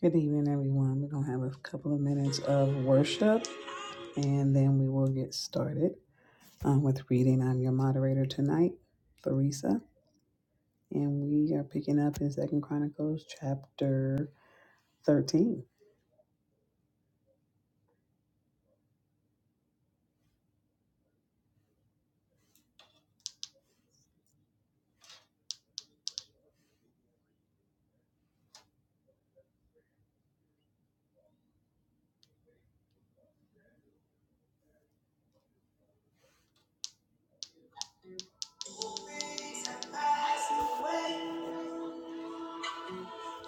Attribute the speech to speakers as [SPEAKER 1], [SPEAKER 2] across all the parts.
[SPEAKER 1] Good evening, everyone. We're going to have a couple of minutes of worship and then we will get started um, with reading. I'm your moderator tonight, Theresa, and we are picking up in Second Chronicles chapter 13.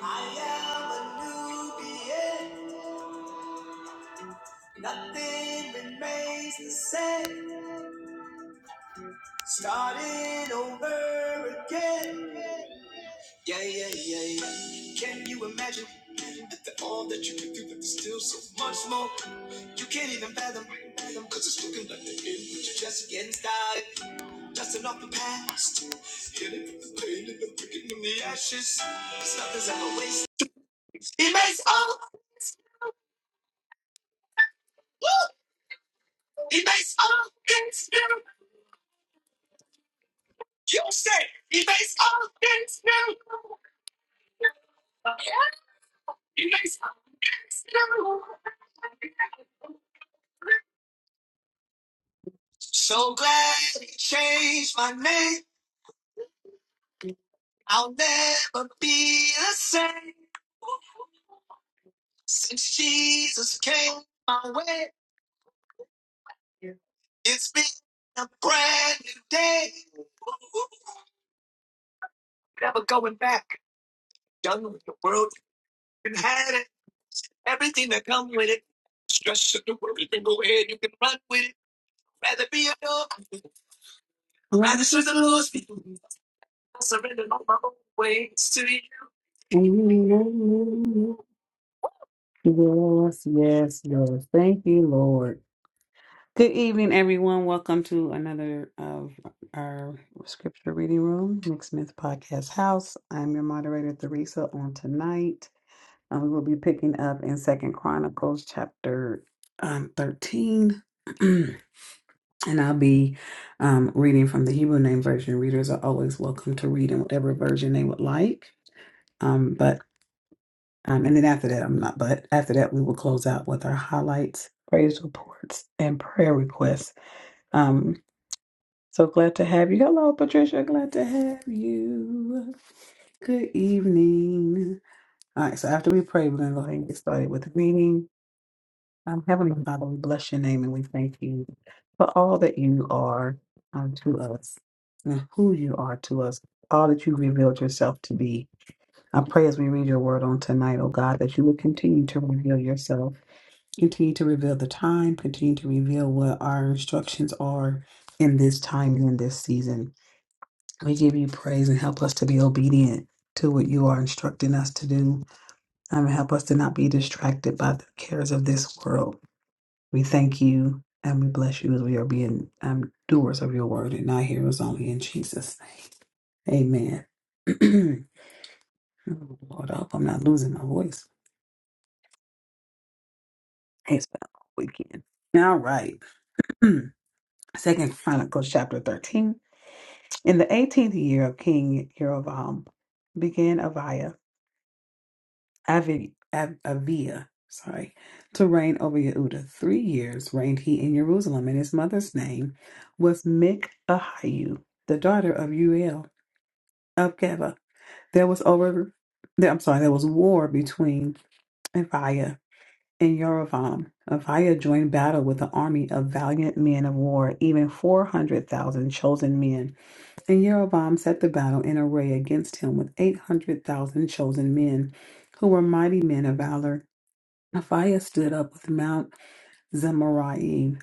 [SPEAKER 1] I am a new being. Nothing remains the same. Starting over again. Yeah, yeah, yeah, yeah. Can you imagine After all that you can do, that there's still so much more you can't even fathom? Cause it's looking like the end, but you're just getting started. Dusting off the past, healing from the pain and the breaking in the ashes. Cause nothing's ever wasted. He makes all, woo, he makes all things new. You say, he makes all new. So glad he changed my name. I'll never be the same. Since Jesus came my way, it's been a brand new day. Never going back. Done with the world. You can have it. Everything that comes with it. Stress of the world. You can go ahead. You can run with it. Rather be a dog. Rather serve the Lord's people. I surrender all my own ways to you. Yes, yes, Lord. Thank you, Lord. Good evening, everyone. Welcome to another of our scripture reading room, Nick Smith Podcast House. I'm your moderator, Theresa, on tonight. Um, we will be picking up in Second Chronicles chapter um, 13. and I'll be um, reading from the Hebrew name version. Readers are always welcome to read in whatever version they would like. Um, but um, and then after that, I'm not, but after that, we will close out with our highlights, praise reports, and prayer requests. Um, So glad to have you. Hello, Patricia. Glad to have you. Good evening. All right, so after we pray, we're going to go ahead and get started with the reading. Um, Heavenly Father, we bless your name and we thank you for all that you are um, to us and who you are to us, all that you revealed yourself to be. I pray as we read your word on tonight, oh God, that you will continue to reveal yourself, continue to reveal the time, continue to reveal what our instructions are in this time and in this season. We give you praise and help us to be obedient to what you are instructing us to do. And help us to not be distracted by the cares of this world. We thank you and we bless you as we are being um, doers of your word and not hearers only in Jesus' name. Amen. Oh, Lord, I hope I'm not losing my voice. Hey, It's been a long weekend. All right. Second Chronicles chapter 13. In the 18th year of King Jeroboam began Aviah. Avi, Av- Avia, sorry, to reign over Yehuda. Three years reigned he in Jerusalem, and his mother's name was Mikhayu, the daughter of Uel of Geba. There was over, there, I'm sorry, there was war between Aviah and Yerovam. Aviah joined battle with an army of valiant men of war, even 400,000 chosen men. And Jeroboam set the battle in array against him with 800,000 chosen men, who were mighty men of valor. Aphiah stood up with Mount Zemaraim,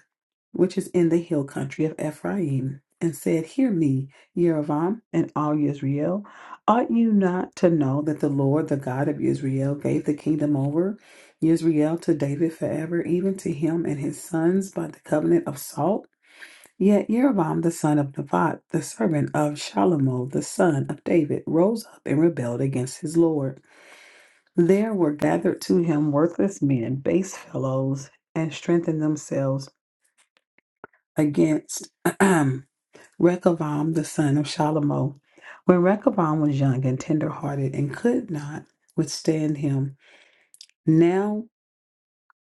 [SPEAKER 1] which is in the hill country of Ephraim, and said, Hear me, Yerovam and all Israel. Ought you not to know that the Lord, the God of Israel, gave the kingdom over Israel to David forever, even to him and his sons by the covenant of salt? Yet Yerovam the son of Nebat, the servant of Shalomo the son of David, rose up and rebelled against his Lord. There were gathered to him worthless men, base fellows, and strengthened themselves against Rehoboam the son of Shalomo. When Rehoboam was young and tender-hearted and could not withstand him, now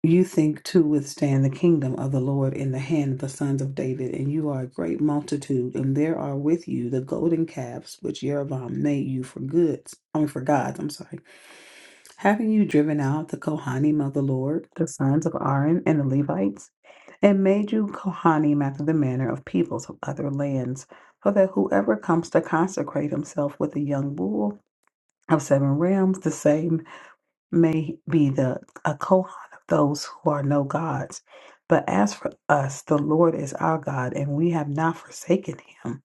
[SPEAKER 1] you think to withstand the kingdom of the Lord in the hand of the sons of David, and you are a great multitude, and there are with you the golden calves which Jeroboam made you for goods, I mean for gods, I'm sorry. having you driven out the Kohanim of the Lord, the sons of Aaron and the Levites, and made you Kohanim after the manner of peoples of other lands, so that whoever comes to consecrate himself with a young bull of seven rams, the same may be the a Kohan of those who are no gods. But as for us, the Lord is our God, and we have not forsaken him,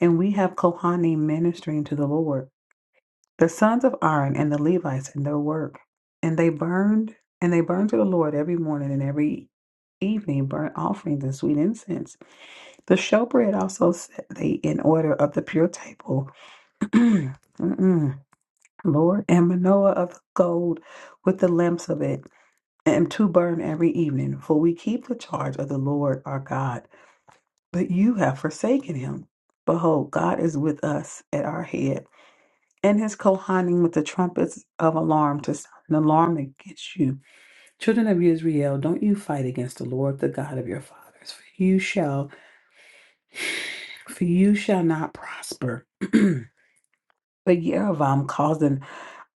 [SPEAKER 1] and we have Kohanim ministering to the Lord. The sons of Aaron and the Levites in their work, and they burned and they burned to the Lord every morning and every evening burnt offerings and sweet incense. The showbread also set they in order of the pure table. Mm-mm. Lord and Manoah of gold with the lamps of it, and to burn every evening, for we keep the charge of the Lord our God, but you have forsaken him. Behold, God is with us at our head and his kohanim with the trumpets of alarm to sound an alarm against you. Children of Israel, don't you fight against the Lord, the God of your fathers, for you shall, for you shall not prosper. but Yerovam caused an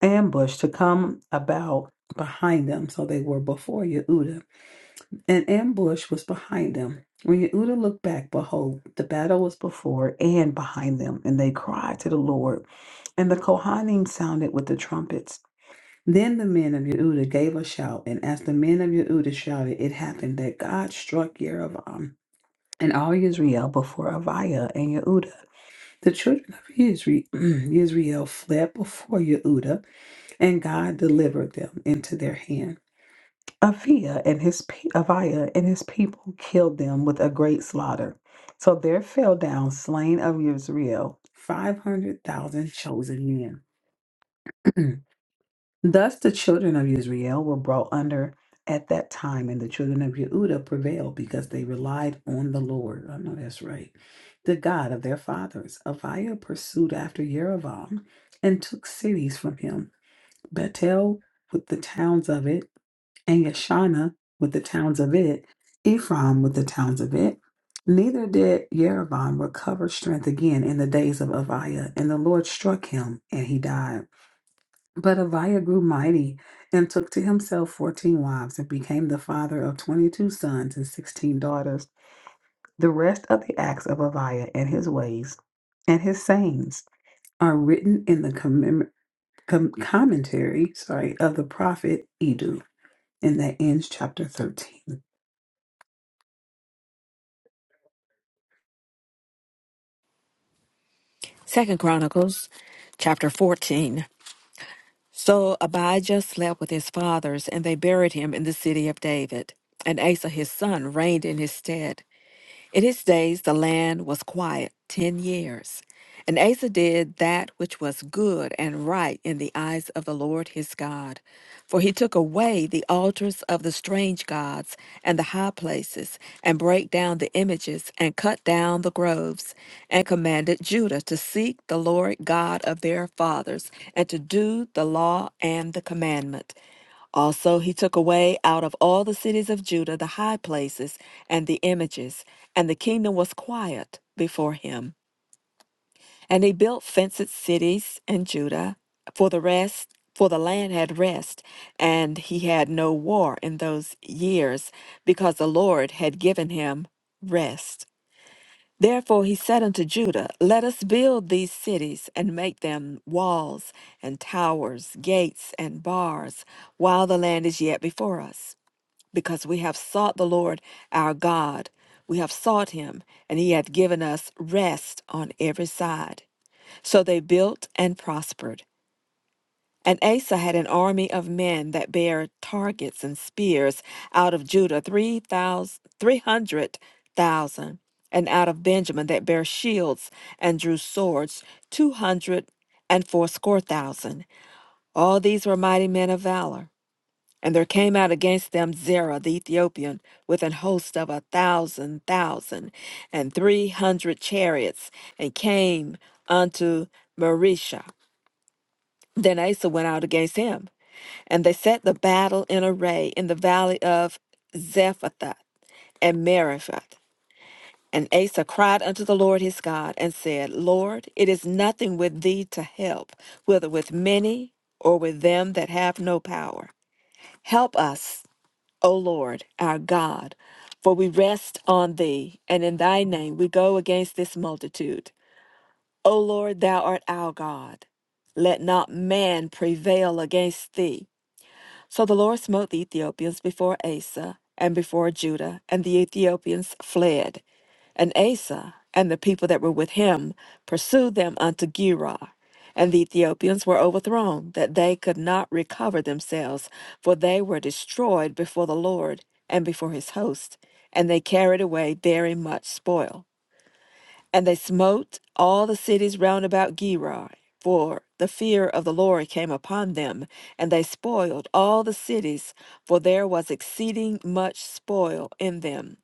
[SPEAKER 1] ambush to come about behind them, so they were before Yehuda. An ambush was behind them. When Yehuda looked back, behold, the battle was before and behind them, and they cried to the Lord. And the Kohanim sounded with the trumpets. Then the men of Yehuda gave a shout, and as the men of Yehuda shouted, it happened that God struck Yeroboam and all Israel before Aviah and Yehuda. The children of Isre- Israel fled before Yehuda, and God delivered them into their hand. Aviah and his pe- Aviah and his people killed them with a great slaughter. So there fell down slain of Israel five hundred thousand chosen men. Thus the children of Israel were brought under at that time, and the children of Yehuda prevailed because they relied on the Lord. I know that's right. The God of their fathers. Aviah pursued after Yerovam and took cities from him Bethel with the towns of it, and Yeshana with the towns of it, Ephraim with the towns of it. Neither did Yerovam recover strength again in the days of Aviah, and the Lord struck him, and he died. But Abiah grew mighty and took to himself fourteen wives and became the father of twenty two sons and sixteen daughters. The rest of the acts of Abiah and his ways and his sayings are written in the commem- com- commentary sorry, of the prophet Edu. And that ends chapter 13.
[SPEAKER 2] Second Chronicles chapter 14. So Abijah slept with his fathers, and they buried him in the city of David. And Asa his son reigned in his stead. In his days the land was quiet ten years. And Asa did that which was good and right in the eyes of the Lord his God. For he took away the altars of the strange gods and the high places, and brake down the images, and cut down the groves, and commanded Judah to seek the Lord God of their fathers, and to do the law and the commandment. Also, he took away out of all the cities of Judah the high places and the images, and the kingdom was quiet before him. And he built fenced cities in Judah for the rest. For the land had rest, and he had no war in those years, because the Lord had given him rest. Therefore he said unto Judah, Let us build these cities, and make them walls, and towers, gates, and bars, while the land is yet before us because we have sought the Lord our God. We have sought him, and he hath given us rest on every side. So they built and prospered. And Asa had an army of men that bare targets and spears out of Judah, three thousand three hundred thousand, and out of Benjamin that bare shields and drew swords, two hundred and fourscore thousand. All these were mighty men of valor. And there came out against them Zerah the Ethiopian with an host of a thousand thousand and three hundred chariots, and came unto Marisha. Then Asa went out against him, and they set the battle in array in the valley of Zephathath and Meriphath. And Asa cried unto the Lord his God, and said, Lord, it is nothing with thee to help, whether with many or with them that have no power. Help us O Lord, our God, for we rest on thee, and in thy name we go against this multitude. O Lord, thou art our God. Let not man prevail against thee. So the Lord smote the Ethiopians before Asa and before Judah, and the Ethiopians fled. And Asa and the people that were with him pursued them unto Gerar. And the Ethiopians were overthrown, that they could not recover themselves, for they were destroyed before the Lord and before his host, and they carried away very much spoil. And they smote all the cities round about Gerar, for the fear of the Lord came upon them, and they spoiled all the cities, for there was exceeding much spoil in them.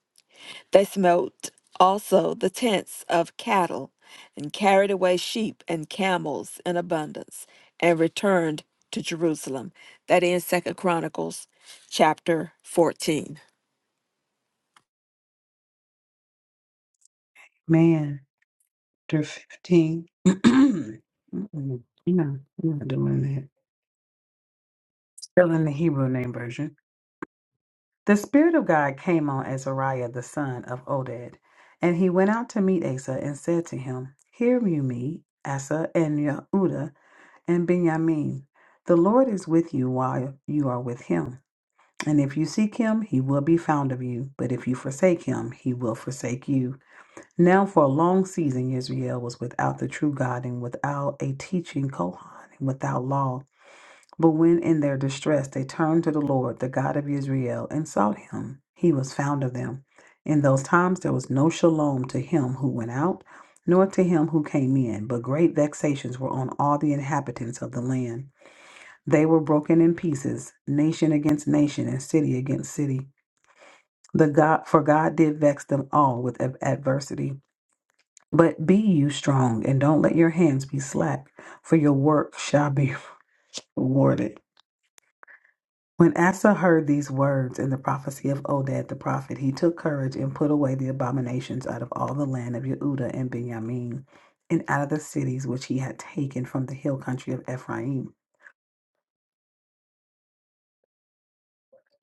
[SPEAKER 2] They smote also the tents of cattle, and carried away sheep and camels in abundance, and returned to Jerusalem. That ends Second Chronicles chapter 14.
[SPEAKER 1] Man, chapter 15. Mm-mm. No, I'm not doing that. Still in the Hebrew name version. The Spirit of God came on Azariah the son of Oded, and he went out to meet Asa and said to him, Hear you me, Asa and Yehuda and Benjamin. The Lord is with you while you are with him. And if you seek him, he will be found of you. But if you forsake him, he will forsake you. Now, for a long season, Israel was without the true God and without a teaching Kohan, and without law. But when in their distress they turned to the Lord, the God of Israel, and sought him, he was found of them. In those times there was no shalom to him who went out, nor to him who came in, but great vexations were on all the inhabitants of the land. They were broken in pieces, nation against nation, and city against city. The God, for God did vex them all with ad- adversity. But be you strong, and don't let your hands be slack, for your work shall be rewarded. When Asa heard these words and the prophecy of Oded the prophet, he took courage and put away the abominations out of all the land of Yehuda and Benjamin, and out of the cities which he had taken from the hill country of Ephraim.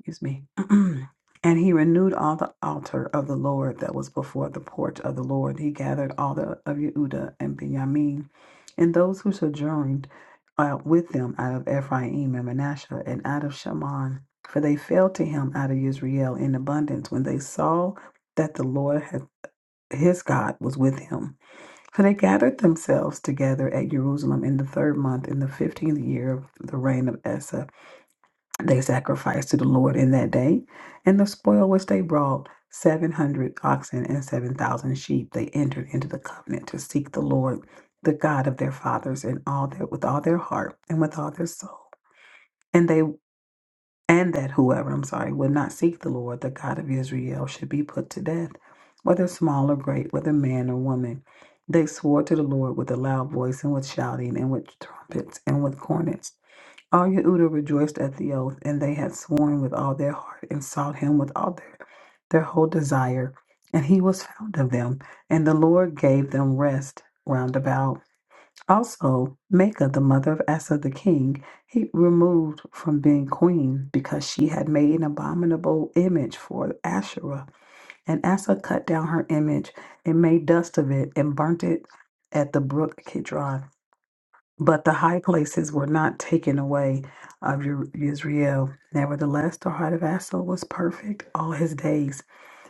[SPEAKER 1] excuse me. and he renewed all the altar of the Lord that was before the porch of the Lord. He gathered all the of Yehuda and Benjamin, and those who sojourned uh, with them out of Ephraim and Manasseh and out of Shaman, for they fell to him out of Israel in abundance when they saw that the Lord had his God was with him. For they gathered themselves together at Jerusalem in the third month, in the fifteenth year of the reign of Asa they sacrificed to the Lord in that day, and the spoil which they brought, seven hundred oxen and seven thousand sheep, they entered into the covenant to seek the Lord, the God of their fathers, in all their with all their heart and with all their soul. And they and that whoever, I'm sorry, would not seek the Lord, the God of Israel, should be put to death, whether small or great, whether man or woman. They swore to the Lord with a loud voice and with shouting and with trumpets and with cornets. All Yehuda rejoiced at the oath, and they had sworn with all their heart and sought him with all their, their whole desire. And he was found of them, and the Lord gave them rest round about. Also, Makah, the mother of Asa the king, he removed from being queen because she had made an abominable image for Asherah. And Asa cut down her image and made dust of it and burnt it at the brook Kidron. But the high places were not taken away of Yer- Yisrael. Nevertheless, the heart of Asa was perfect all his days.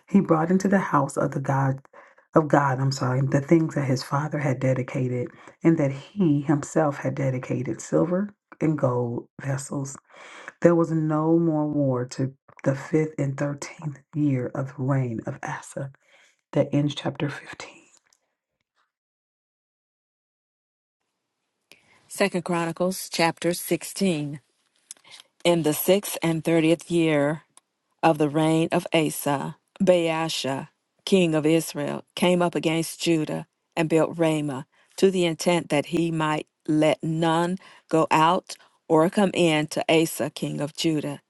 [SPEAKER 1] He brought into the house of the God of God, I'm sorry, the things that his father had dedicated, and that he himself had dedicated silver and gold vessels. There was no more war to the fifth and thirteenth year of the reign of Asa. That ends chapter 15.
[SPEAKER 2] Second Chronicles chapter 16. In the sixth and thirtieth year of the reign of Asa, Baasha, king of Israel, came up against Judah and built Ramah to the intent that he might let none go out or come in to Asa, king of Judah.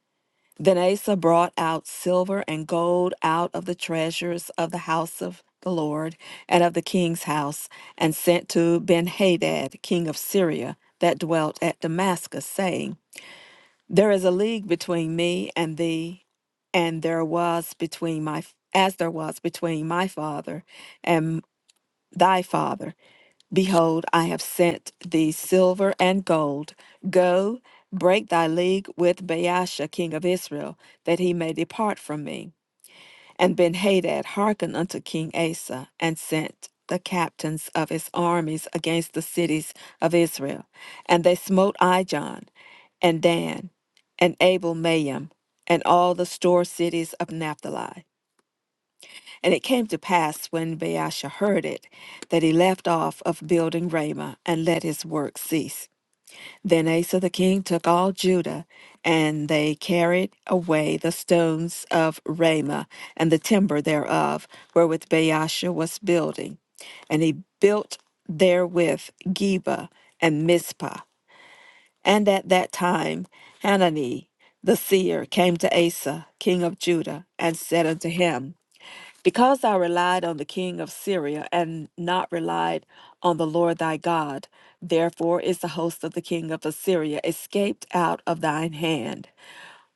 [SPEAKER 2] Then Asa brought out silver and gold out of the treasures of the house of the Lord and of the king's house, and sent to Benhadad, king of Syria, that dwelt at Damascus, saying, there is a league between me and thee, and there was between my as there was between my father and thy father. Behold, I have sent thee silver and gold. Go, break thy league with Baasha king of Israel, that he may depart from me. And Benhadad hearkened unto King Asa, and sent the captains of his armies against the cities of Israel. And they smote Ijon, and Dan, and Abel Mayim, and all the store cities of Naphtali. And it came to pass when Baasha heard it, that he left off of building Ramah, and let his work cease. Then Asa the king took all Judah, and they carried away the stones of Ramah and the timber thereof, wherewith Baasha was building. And he built therewith Geba and Mizpah. And at that time Hanani the seer came to Asa, king of Judah, and said unto him, because thou relied on the king of Syria and not relied on the Lord thy God, therefore is the host of the king of Assyria escaped out of thine hand.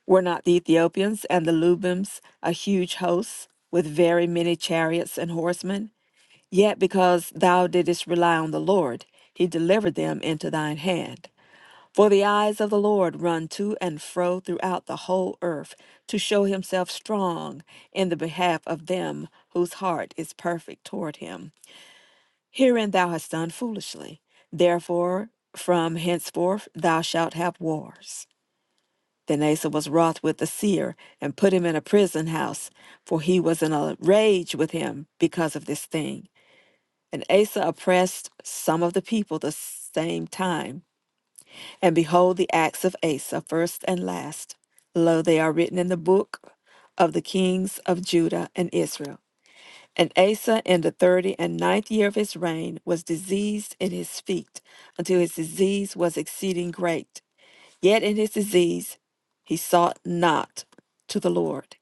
[SPEAKER 2] Were not the Ethiopians and the Lubims a huge host, with very many chariots and horsemen? Yet because thou didst rely on the Lord, he delivered them into thine hand. For the eyes of the Lord run to and fro throughout the whole earth to show himself strong in the behalf of them whose heart is perfect toward him. Herein thou hast done foolishly. Therefore, from henceforth thou shalt have wars. Then Asa was wroth with the seer and put him in a prison house, for he was in a rage with him because of this thing. And Asa oppressed some of the people the same time. And behold, the acts of Asa, first and last. Lo, they are written in the book of the kings of Judah and Israel. And Asa, in the thirty and ninth year of his reign, was diseased in his feet, until his disease was exceeding great. Yet in his disease he sought not to the Lord,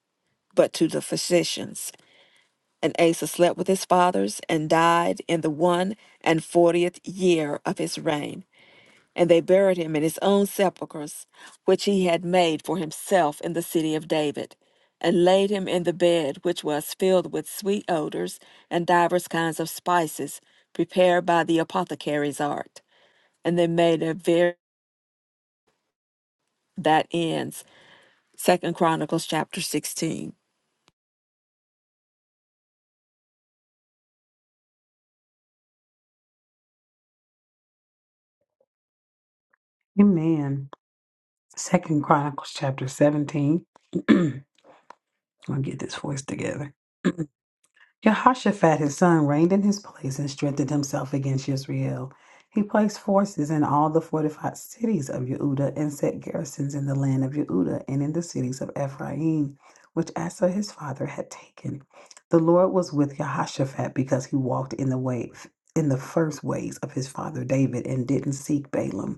[SPEAKER 2] but to the physicians. And Asa slept with his fathers, and died in the one and fortieth year of his reign and they buried him in his own sepulchres, which he had made for himself in the city of David, and laid him in the bed which was filled with sweet odors and divers kinds of spices, prepared by the apothecary's art. And they made a very that ends. Second Chronicles chapter 16.
[SPEAKER 1] Amen. Second Chronicles chapter 17. I'm gonna get this voice together. Jehoshaphat his son reigned in his place and strengthened himself against Israel. He placed forces in all the fortified cities of Yehuda and set garrisons in the land of Yehuda and in the cities of Ephraim, which Asa his father had taken. The Lord was with Jehoshaphat because he walked in the way in the first ways of his father David and didn't seek Balaam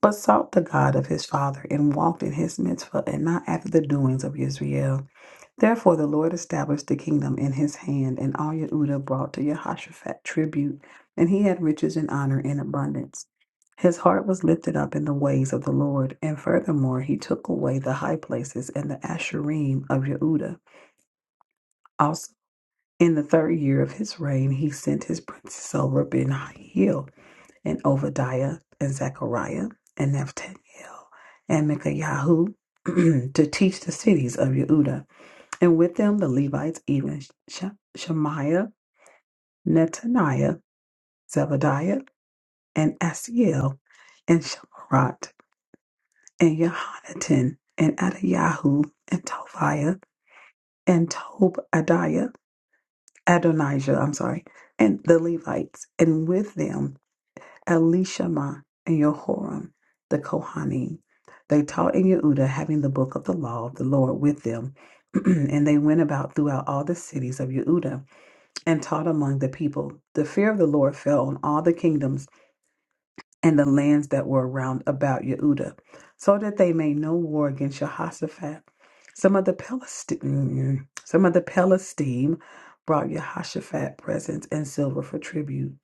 [SPEAKER 1] but sought the God of his father and walked in his mitzvah and not after the doings of Israel. Therefore the Lord established the kingdom in his hand, and all Yehuda brought to Jehoshaphat tribute, and he had riches and honor in abundance. His heart was lifted up in the ways of the Lord, and furthermore he took away the high places and the asherim of Yehuda. Also, in the third year of his reign, he sent his princes over Ben and Obadiah and Zechariah and Nathaniel and Micaiah to teach the cities of Yehuda, and with them the Levites, even Sh- Shemaiah, Netaniah, Zebadiah, and Asiel, and Shemarat, and Yehonatan, and Adiyahu, and Tobiah, and Tobadiah, Adonijah, I'm sorry, and the Levites, and with them Elishama and Yehoram, the Kohanim. They taught in Yehuda, having the book of the law of the Lord with them. and they went about throughout all the cities of Yehuda and taught among the people. The fear of the Lord fell on all the kingdoms and the lands that were round about Yehuda, so that they made no war against Jehoshaphat. Some of the Palestine, some of the Palestine brought Jehoshaphat presents and silver for tribute.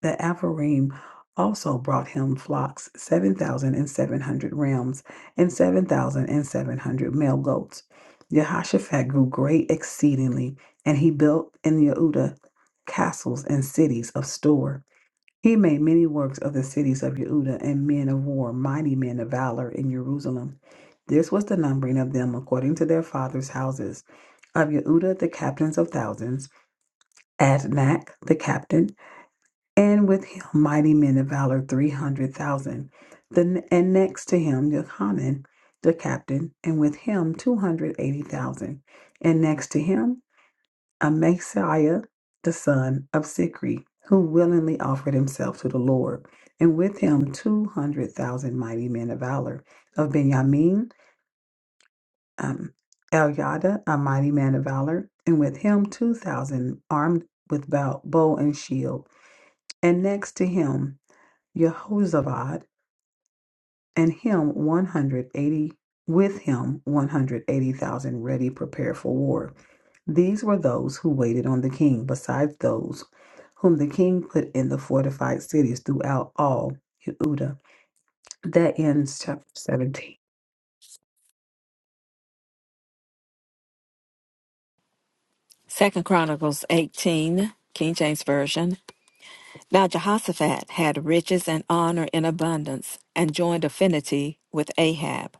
[SPEAKER 1] The Apharim also brought him flocks, 7,700 rams, and 7,700 male goats. Jehoshaphat grew great exceedingly, and he built in Yehuda castles and cities of store. He made many works of the cities of Yehuda and men of war, mighty men of valor in Jerusalem. This was the numbering of them according to their fathers' houses. Of Yehuda, the captains of thousands, Adnak, the captain, and with him mighty men of valor three hundred thousand. Then and next to him Johanan the captain, and with him two hundred eighty thousand, and next to him Amasiah the son of Zikri, who willingly offered himself to the Lord, and with him two hundred thousand mighty men of valor of Benjamin, um, Eliada a mighty man of valor, and with him two thousand armed with bow, bow and shield, and next to him. Jehozabad, and him 180 with him 180,000 ready prepared for war. These were those who waited on the king, besides those whom the king put in the fortified cities throughout all Yehuda. That ends chapter 17.
[SPEAKER 2] Second Chronicles 18, King James Version. Now Jehoshaphat had riches and honor in abundance, and joined affinity with Ahab.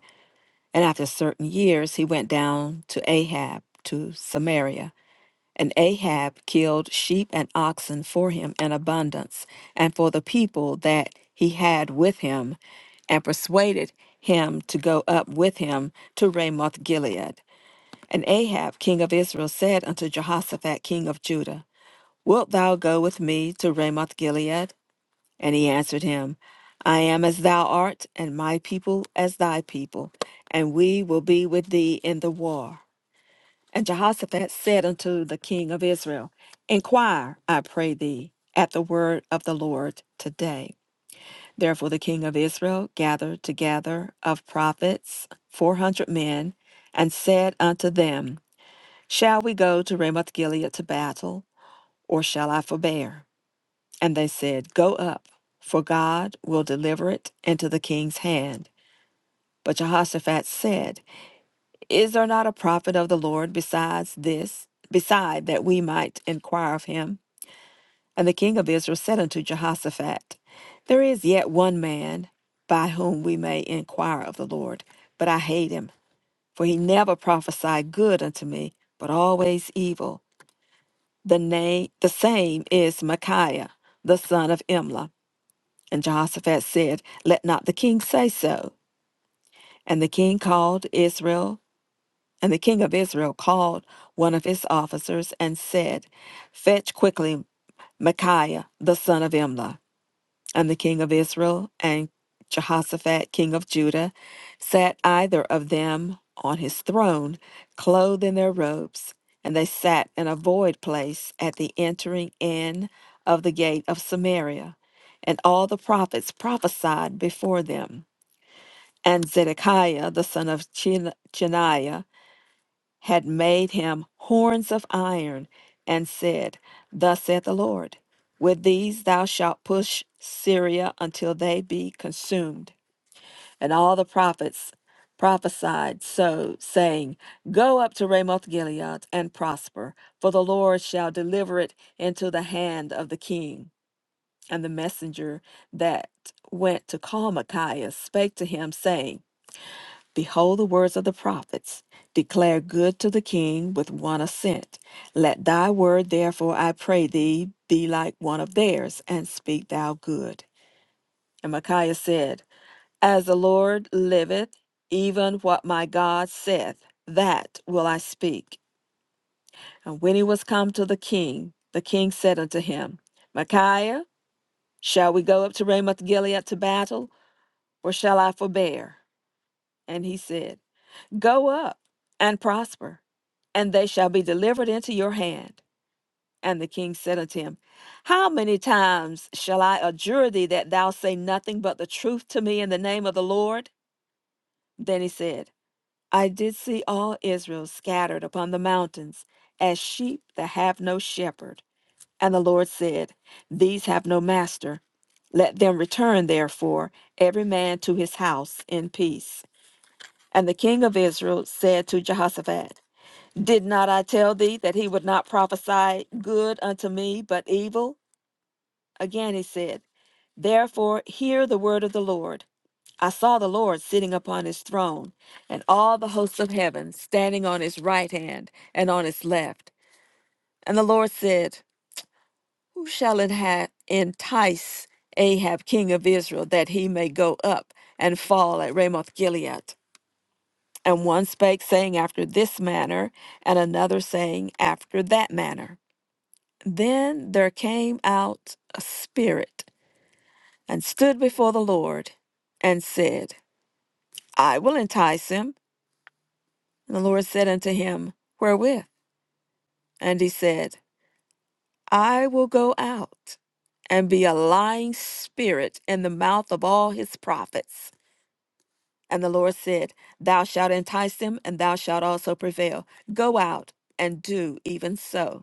[SPEAKER 2] And after certain years, he went down to Ahab to Samaria. And Ahab killed sheep and oxen for him in abundance, and for the people that he had with him, and persuaded him to go up with him to Ramoth Gilead. And Ahab, king of Israel, said unto Jehoshaphat, king of Judah, Wilt thou go with me to Ramoth Gilead? And he answered him, I am as thou art, and my people as thy people, and we will be with thee in the war. And Jehoshaphat said unto the king of Israel, Inquire, I pray thee, at the word of the Lord today. Therefore the king of Israel gathered together of prophets four hundred men, and said unto them, Shall we go to Ramoth Gilead to battle, or shall I forbear? And they said, Go up, for God will deliver it into the king's hand. But Jehoshaphat said, Is there not a prophet of the Lord besides this, beside that we might inquire of him? And the king of Israel said unto Jehoshaphat, There is yet one man by whom we may inquire of the Lord, but I hate him, for he never prophesied good unto me, but always evil. The name the same is Micaiah, the son of Imlah And Jehoshaphat said, Let not the king say so. And the king called Israel, and the king of Israel called one of his officers and said, Fetch quickly Micaiah the son of Imlah and the king of Israel and Jehoshaphat, king of Judah, sat either of them on his throne, clothed in their robes, and they sat in a void place at the entering in of the gate of Samaria. And all the prophets prophesied before them. And Zedekiah, the son of Chenaiah, had made him horns of iron, and said, Thus saith the Lord, with these thou shalt push Syria until they be consumed. And all the prophets prophesied so, saying, Go up to Ramoth Gilead and prosper, for the Lord shall deliver it into the hand of the king. And the messenger that went to call Micaiah spake to him, saying, Behold the words of the prophets. Declare good to the king with one assent. Let thy word, therefore, I pray thee, be like one of theirs, and speak thou good. And Micaiah said, As the Lord liveth, even what my God saith, that will I speak. And when he was come to the king, the king said unto him, Micaiah, shall we go up to Ramoth Gilead to battle, or shall I forbear? And he said, Go up and prosper, and they shall be delivered into your hand. And the king said unto him, How many times shall I adjure thee that thou say nothing but the truth to me in the name of the Lord? Then he said, I did see all Israel scattered upon the mountains, as sheep that have no shepherd. And the Lord said, These have no master. Let them return, therefore, every man to his house in peace. And the king of Israel said to Jehoshaphat, did not I tell thee that he would not prophesy good unto me, but evil? Again he said, Therefore hear the word of the Lord. I saw the Lord sitting upon his throne, and all the hosts of heaven standing on his right hand and on his left. And the Lord said, Who shall enha- entice Ahab, king of Israel, that he may go up and fall at Ramoth Gilead? And one spake, saying after this manner, and another saying after that manner. Then there came out a spirit and stood before the Lord and said, I will entice him. And the Lord said unto him, Wherewith? And he said, I will go out and be a lying spirit in the mouth of all his prophets. And the Lord said, Thou shalt entice him, and thou shalt also prevail. Go out and do even so.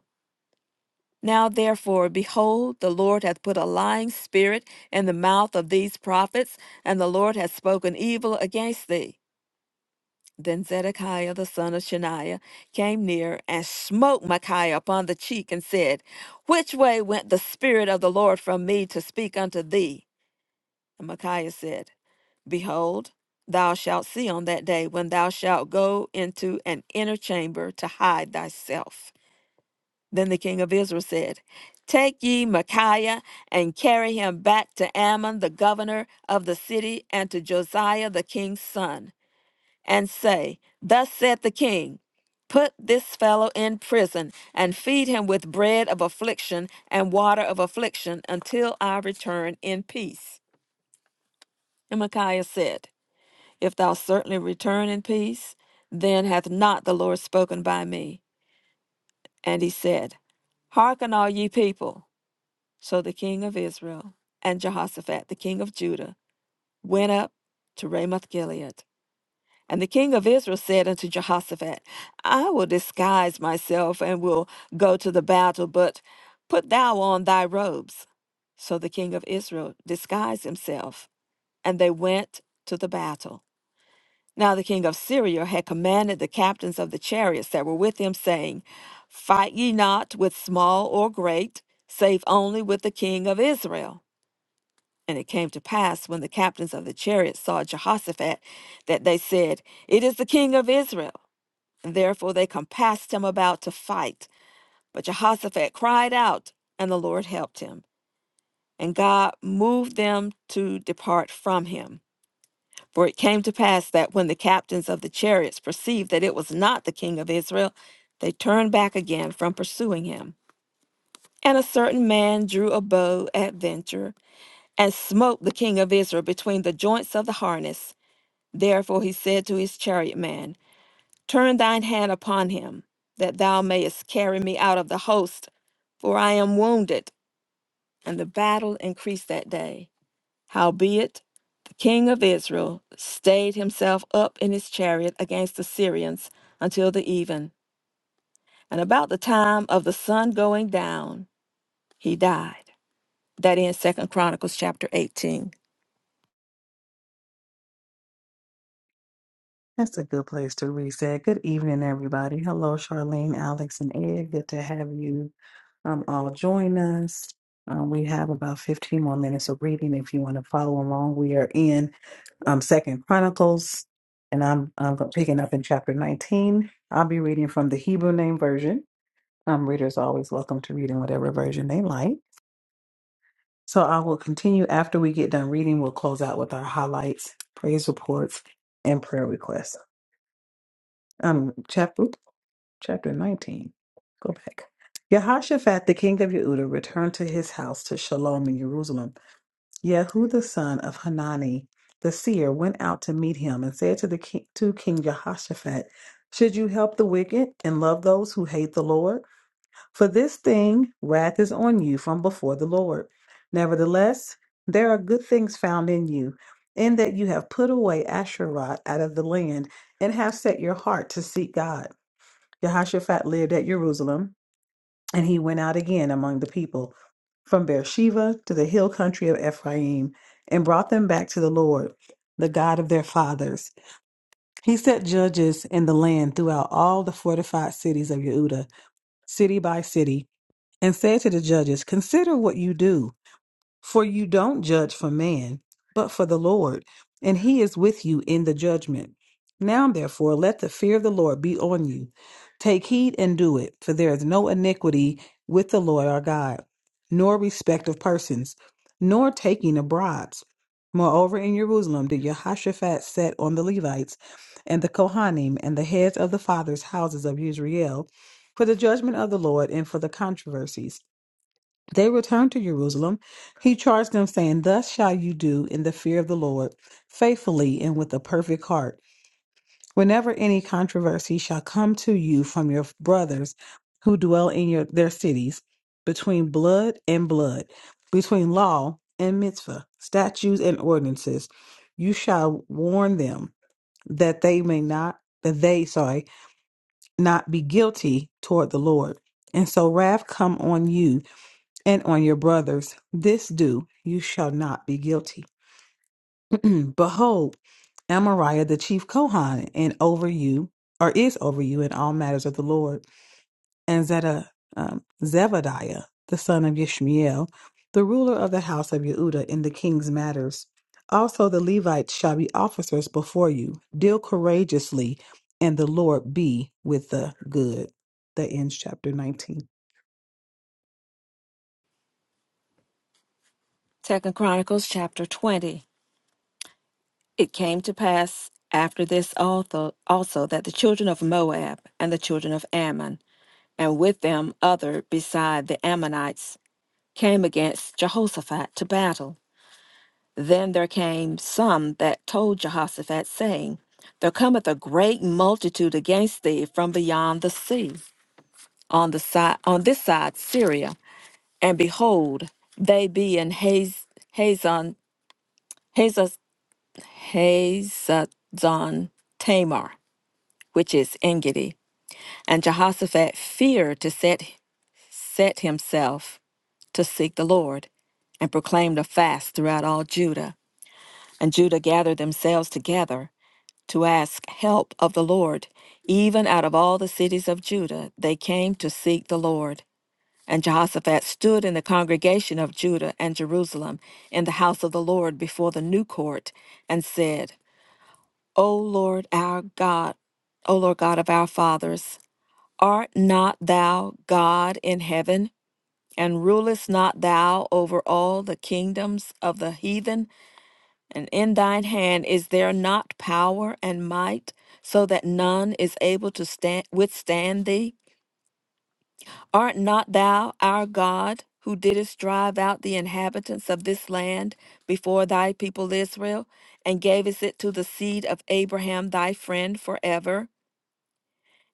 [SPEAKER 2] Now, therefore, behold, the Lord hath put a lying spirit in the mouth of these prophets, and the Lord hath spoken evil against thee. Then Zedekiah the son of Shaniah came near and smote Micaiah upon the cheek and said, Which way went the Spirit of the Lord from me to speak unto thee? And Micaiah said, Behold, thou shalt see on that day when thou shalt go into an inner chamber to hide thyself. Then the king of Israel said, Take ye Micaiah and carry him back to Ammon, the governor of the city, and to Josiah, the king's son, and say, Thus saith the king, Put this fellow in prison, and feed him with bread of affliction and water of affliction until I return in peace. And Micaiah said, If thou certainly return in peace, then hath not the Lord spoken by me. And he said, Hearken, all ye people. So the king of Israel and Jehoshaphat, the king of Judah, went up to Ramoth Gilead. And the king of Israel said unto Jehoshaphat, I will disguise myself and will go to the battle, but put thou on thy robes. So the king of Israel disguised himself, and they went to the battle. Now the king of Syria had commanded the captains of the chariots that were with him, saying, Fight ye not with small or great, save only with the king of Israel. And it came to pass when the captains of the chariots saw Jehoshaphat that they said, It is the king of Israel. And therefore they compassed him about to fight. But Jehoshaphat cried out, and the Lord helped him. And God moved them to depart from him. For it came to pass that when the captains of the chariots perceived that it was not the king of Israel, they turned back again from pursuing him. And a certain man drew a bow at venture and smote the king of Israel between the joints of the harness Therefore he said to his chariotman, Turn thine hand upon him, that thou mayest carry me out of the host, for I am wounded. And the battle increased that day. Howbeit, the king of Israel stayed himself up in his chariot against the Syrians until the even. And about the time of the sun going down, he died. That ends Second Chronicles chapter 18.
[SPEAKER 1] That's a good place to reset. Good evening, everybody. Hello, Charlene, Alex, and Ed. Good to have you um, all join us. Um, we have about 15 more minutes of reading if you want to follow along. We are in. um, Second Chronicles, and I'm I'm picking up in chapter 19. I'll be reading from the Hebrew Name Version. Um, readers are always welcome to read in whatever version they like. So I will continue after we get done reading. We'll close out with our highlights, praise reports, and prayer requests. Um, chapter chapter 19. Go back. Jehoshaphat, the king of Yehuda, returned to his house to Shalom in Jerusalem Yehu son of Hanani, the seer, went out to meet him and said to the king, to King Jehoshaphat, "Should you help the wicked and love those who hate the Lord? For this thing wrath is on you from before the Lord. Nevertheless, there are good things found in you, in that you have put away Asherah out of the land and have set your heart to seek God." Jehoshaphat lived at Jerusalem. And he went out again among the people from Beersheba to the hill country of Ephraim and brought them back to the Lord, the God of their fathers. He set judges in the land throughout all the fortified cities of Yehuda, city by city, and said to the judges, Consider what you do. For you don't judge for man, but for the Lord, and he is with you in the judgment. Now, therefore, let the fear of the Lord be on you. Take heed and do it, for there is no iniquity with the Lord our God, nor respect of persons, nor taking of bribes. Moreover, in Jerusalem did Jehoshaphat set on the Levites and the Kohanim and the heads of the fathers' houses of Israel for the judgment of the Lord and for the controversies they returned to Jerusalem. He charged them, saying, Thus shall you do in the fear of the Lord, faithfully and with a perfect heart. Whenever any controversy shall come to you from your brothers who dwell in your, their cities, between blood and blood, between law and mitzvah, statutes and ordinances, you shall warn them that they may not, that they, sorry, not be guilty toward the Lord. And so wrath come on you and on your brothers. This do, you shall not be guilty. Behold, Amariah the chief Kohan, and over you, or is over you in all matters of the Lord, and Zeta, um, Zebadiah, the son of Yishmael, the ruler of the house of Yehuda in the king's matters. Also the Levites shall be officers before you. Deal courageously, and the Lord be with the good. The ends chapter 19.
[SPEAKER 2] Second Chronicles chapter 20. It came to pass after this also, also that the children of Moab and the children of Ammon, and with them other beside the Ammonites, came against Jehoshaphat to battle. Then there came some that told Jehoshaphat, saying, There cometh a great multitude against thee from beyond the sea, on the side on this side Syria, and behold, they be in Haz- Hazon Hazaz Hazazon Tamar. which is Engedi. And Jehoshaphat feared to set, set himself to seek the Lord, and proclaimed a fast throughout all Judah. And Judah gathered themselves together to ask help of the Lord. Even out of all the cities of Judah, they came to seek the Lord. And Jehoshaphat stood in the congregation of Judah and Jerusalem in the house of the Lord before the new court and said, O Lord our God, O Lord God of our fathers, Art not thou God in heaven, and rulest not thou over all the kingdoms of the heathen? And in thine hand is there not power and might, so that none is able to stand, withstand thee? Art not thou our God, who didst drive out the inhabitants of this land before thy people Israel, and gavest it to the seed of Abraham thy friend forever?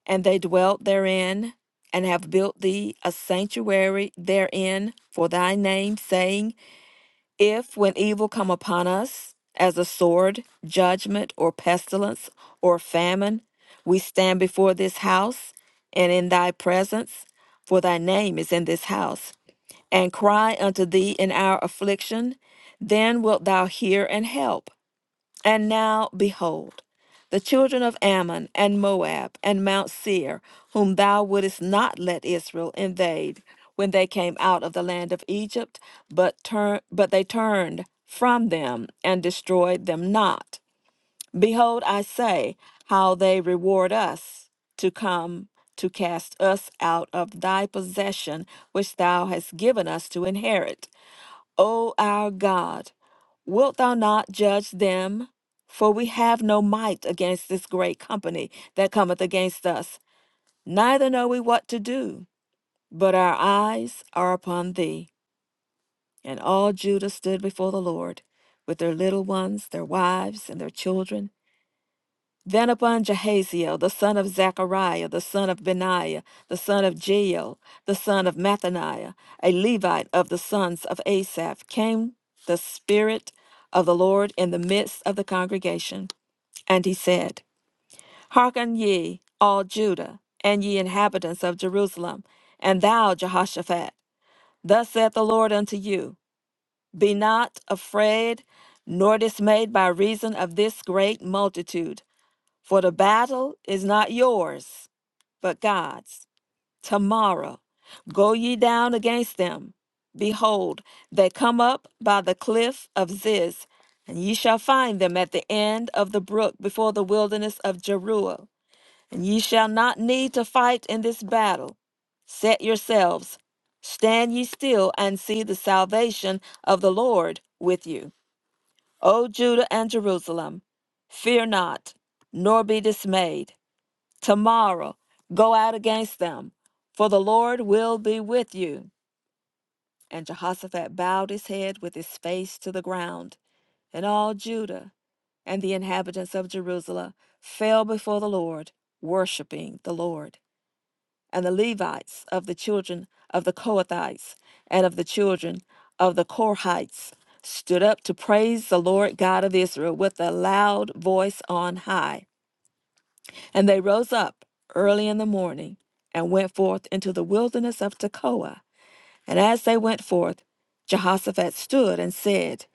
[SPEAKER 2] and they dwelt therein, and have built thee a sanctuary therein for thy name, saying, If when evil come upon us, as a sword, judgment, or pestilence, or famine, we stand before this house and in thy presence, for thy name is in this house, and cry unto thee in our affliction, then wilt thou hear and help. And now, behold, the children of Ammon and Moab and Mount Seir, whom thou wouldest not let Israel invade when they came out of the land of Egypt, but, turn, but they turned from them and destroyed them not. Behold, I say, how they reward us to come to cast us out of thy possession which thou hast given us to inherit. O our God, wilt thou not judge them? For we have no might against this great company that cometh against us, neither know we what to do, but our eyes are upon thee. And all Judah stood before the Lord, with their little ones, their wives, and their children. Then upon Jahaziel, the son of Zechariah, the son of Benaiah, the son of Jeiel, the son of Mathaniah, a Levite of the sons of Asaph, came the Spirit of the Lord in the midst of the congregation. And he said, Hearken ye, all Judah, and ye inhabitants of Jerusalem, and thou, Jehoshaphat, thus saith the Lord unto you, Be not afraid, nor dismayed by reason of this great multitude. For the battle is not yours, but God's. Tomorrow go ye down against them. Behold, they come up by the cliff of Ziz, and ye shall find them at the end of the brook before the wilderness of Jeruel. And ye shall not need to fight in this battle. Set yourselves, stand ye still, and see the salvation of the Lord with you. O Judah and Jerusalem, fear not, nor be dismayed. Tomorrow go out against them, for the Lord will be with you. And Jehoshaphat bowed his head with his face to the ground. And all Judah and the inhabitants of Jerusalem fell before the Lord, worshiping the Lord. And the Levites of the children of the Kohathites and of the children of the Korhites stood up to praise the Lord God of Israel with a loud voice on high. And they rose up early in the morning and went forth into the wilderness of Tekoa. And as they went forth, Jehoshaphat stood and said,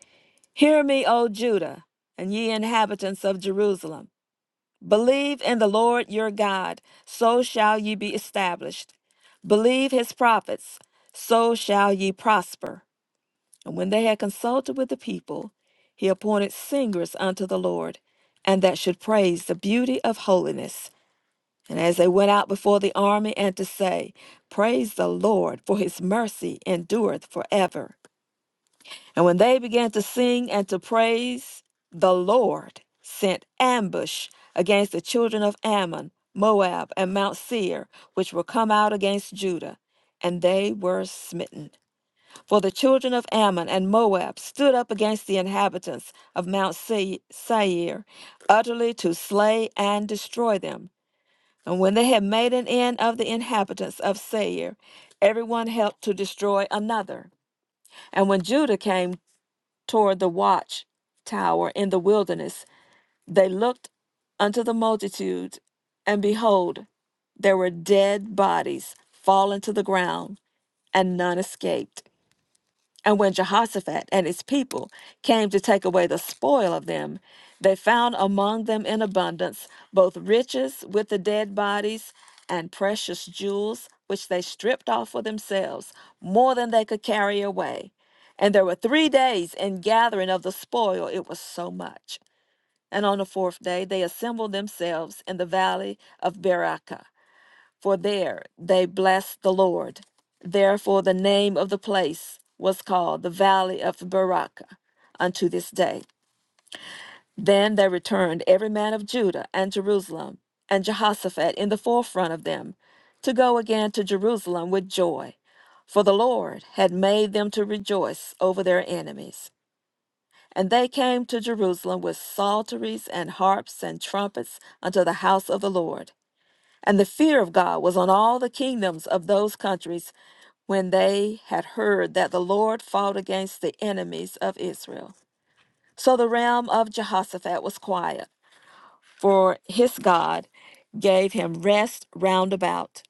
[SPEAKER 2] Hear me, O Judah, and ye inhabitants of Jerusalem. Believe in the Lord your God, so shall ye be established. Believe his prophets, so shall ye prosper. And when they had consulted with the people, he appointed singers unto the Lord, and that should praise the beauty of holiness and as they went out before the army, and to say, Praise the Lord, for his mercy endureth forever. And when they began to sing and to praise, the Lord sent ambush against the children of Ammon, Moab, and Mount Seir, which were come out against Judah, and they were smitten. For the children of Ammon and Moab stood up against the inhabitants of Mount Se- Seir, utterly to slay and destroy them. And when they had made an end of the inhabitants of Seir, everyone helped to destroy another. And when Judah came toward the watch tower in the wilderness, they looked unto the multitude, and behold, there were dead bodies fallen to the ground, and none escaped. And when Jehoshaphat and his people came to take away the spoil of them, they found among them in abundance both riches with the dead bodies and precious jewels, which they stripped off for themselves, more than they could carry away. And there were three days in gathering of the spoil, it was so much. And on the fourth day they assembled themselves in the valley of Beraka for there they blessed the Lord. Therefore, the name of the place was called the Valley of Barakah unto this day. Then they returned, every man of Judah and Jerusalem, and Jehoshaphat in the forefront of them, to go again to Jerusalem with joy. For the Lord had made them to rejoice over their enemies. And they came to Jerusalem with psalteries and harps and trumpets unto the house of the Lord. And the fear of God was on all the kingdoms of those countries when they had heard that the Lord fought against the enemies of Israel. So the realm of Jehoshaphat was quiet, for his God gave him rest round about.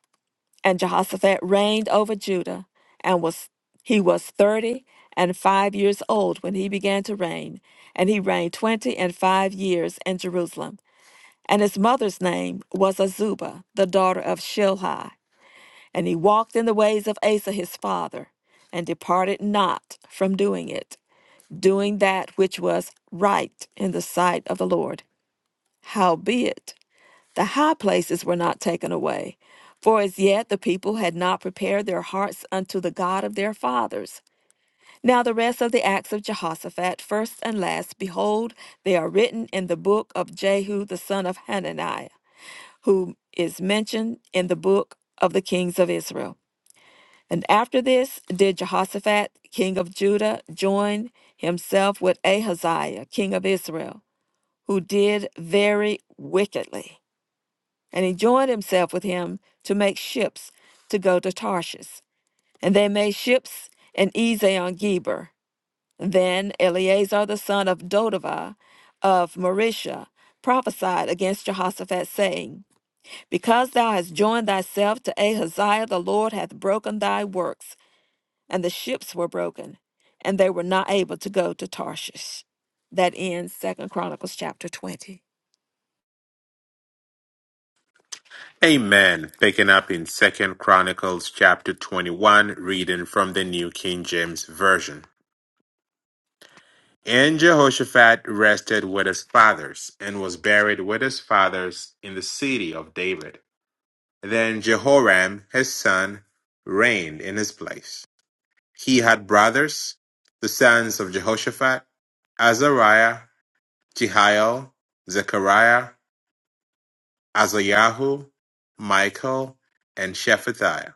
[SPEAKER 2] And Jehoshaphat reigned over Judah, and was he was thirty and five years old when he began to reign, and he reigned twenty and five years in Jerusalem. And his mother's name was Azubah, the daughter of Shilhi. And he walked in the ways of Asa his father, and departed not from doing it, doing that which was right in the sight of the Lord. Howbeit, the high places were not taken away, for as yet the people had not prepared their hearts unto the God of their fathers. Now the rest of the acts of Jehoshaphat, first and last, behold, they are written in the book of Jehu the son of Hananiah, who is mentioned in the book of the kings of Israel. And after this did Jehoshaphat, king of Judah, join himself with Ahaziah, king of Israel, who did very wickedly. And he joined himself with him to make ships to go to Tarshish. And they made ships in Ezion Geber. Then Eleazar the son of Dodavah of Marisha prophesied against Jehoshaphat, saying, Because thou hast joined thyself to Ahaziah, the Lord hath broken thy works and the ships were broken, and they were not able to go to Tarshish. That ends Second Chronicles chapter 20.
[SPEAKER 3] Amen. Picking up in Second Chronicles chapter 21, reading from the New King James Version. And Jehoshaphat rested with his fathers and was buried with his fathers in the city of David. Then Jehoram, his son, reigned in his place. He had brothers, the sons of Jehoshaphat, Azariah, Jehiel, Zechariah, Azayahu, Michael, and Shephatiah.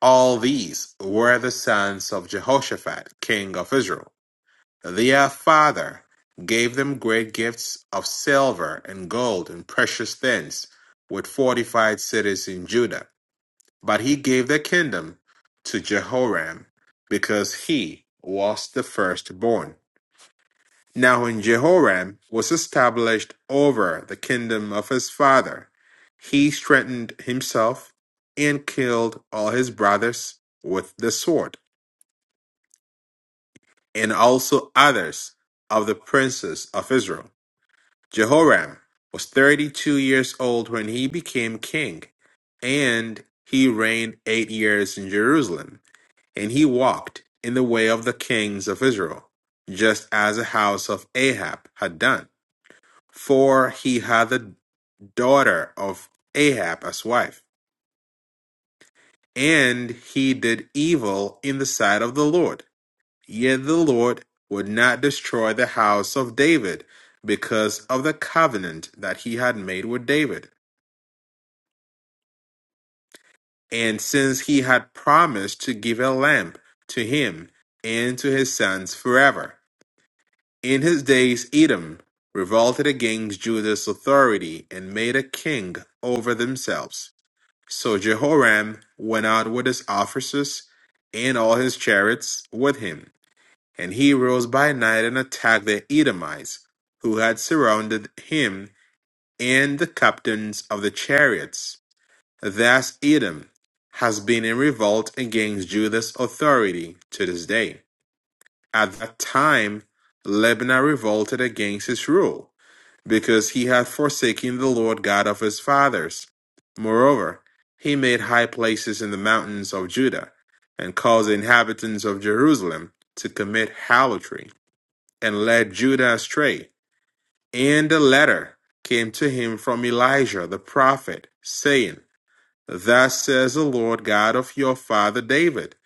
[SPEAKER 3] All these were the sons of Jehoshaphat, king of Israel. Their father gave them great gifts of silver and gold and precious things, with fortified cities in Judah. But he gave the kingdom to Jehoram, because he was the firstborn. Now, when Jehoram was established over the kingdom of his father, he strengthened himself and killed all his brothers with the sword. and also others of the princes of Israel. Jehoram was 32 years old when he became king, and he reigned eight years in Jerusalem, and he walked in the way of the kings of Israel, just as the house of Ahab had done, for he had the daughter of Ahab as wife, and he did evil in the sight of the Lord Yet the Lord would not destroy the house of David because of the covenant that he had made with David. And since he had promised to give a lamp to him and to his sons forever. In his days, Edom revolted against Judah's authority and made a king over themselves. So Jehoram went out with his officers and all his chariots with him And he rose by night and attacked the Edomites, who had surrounded him, and the captains of the chariots. Thus Edom has been in revolt against Judah's authority to this day. At that time, Lebanon revolted against his rule, because he had forsaken the Lord God of his fathers. Moreover, he made high places in the mountains of Judah, and caused the inhabitants of Jerusalem to commit harlotry and led Judah astray. And the letter came to him from Elijah the prophet, saying, Thus says the Lord God of your father David,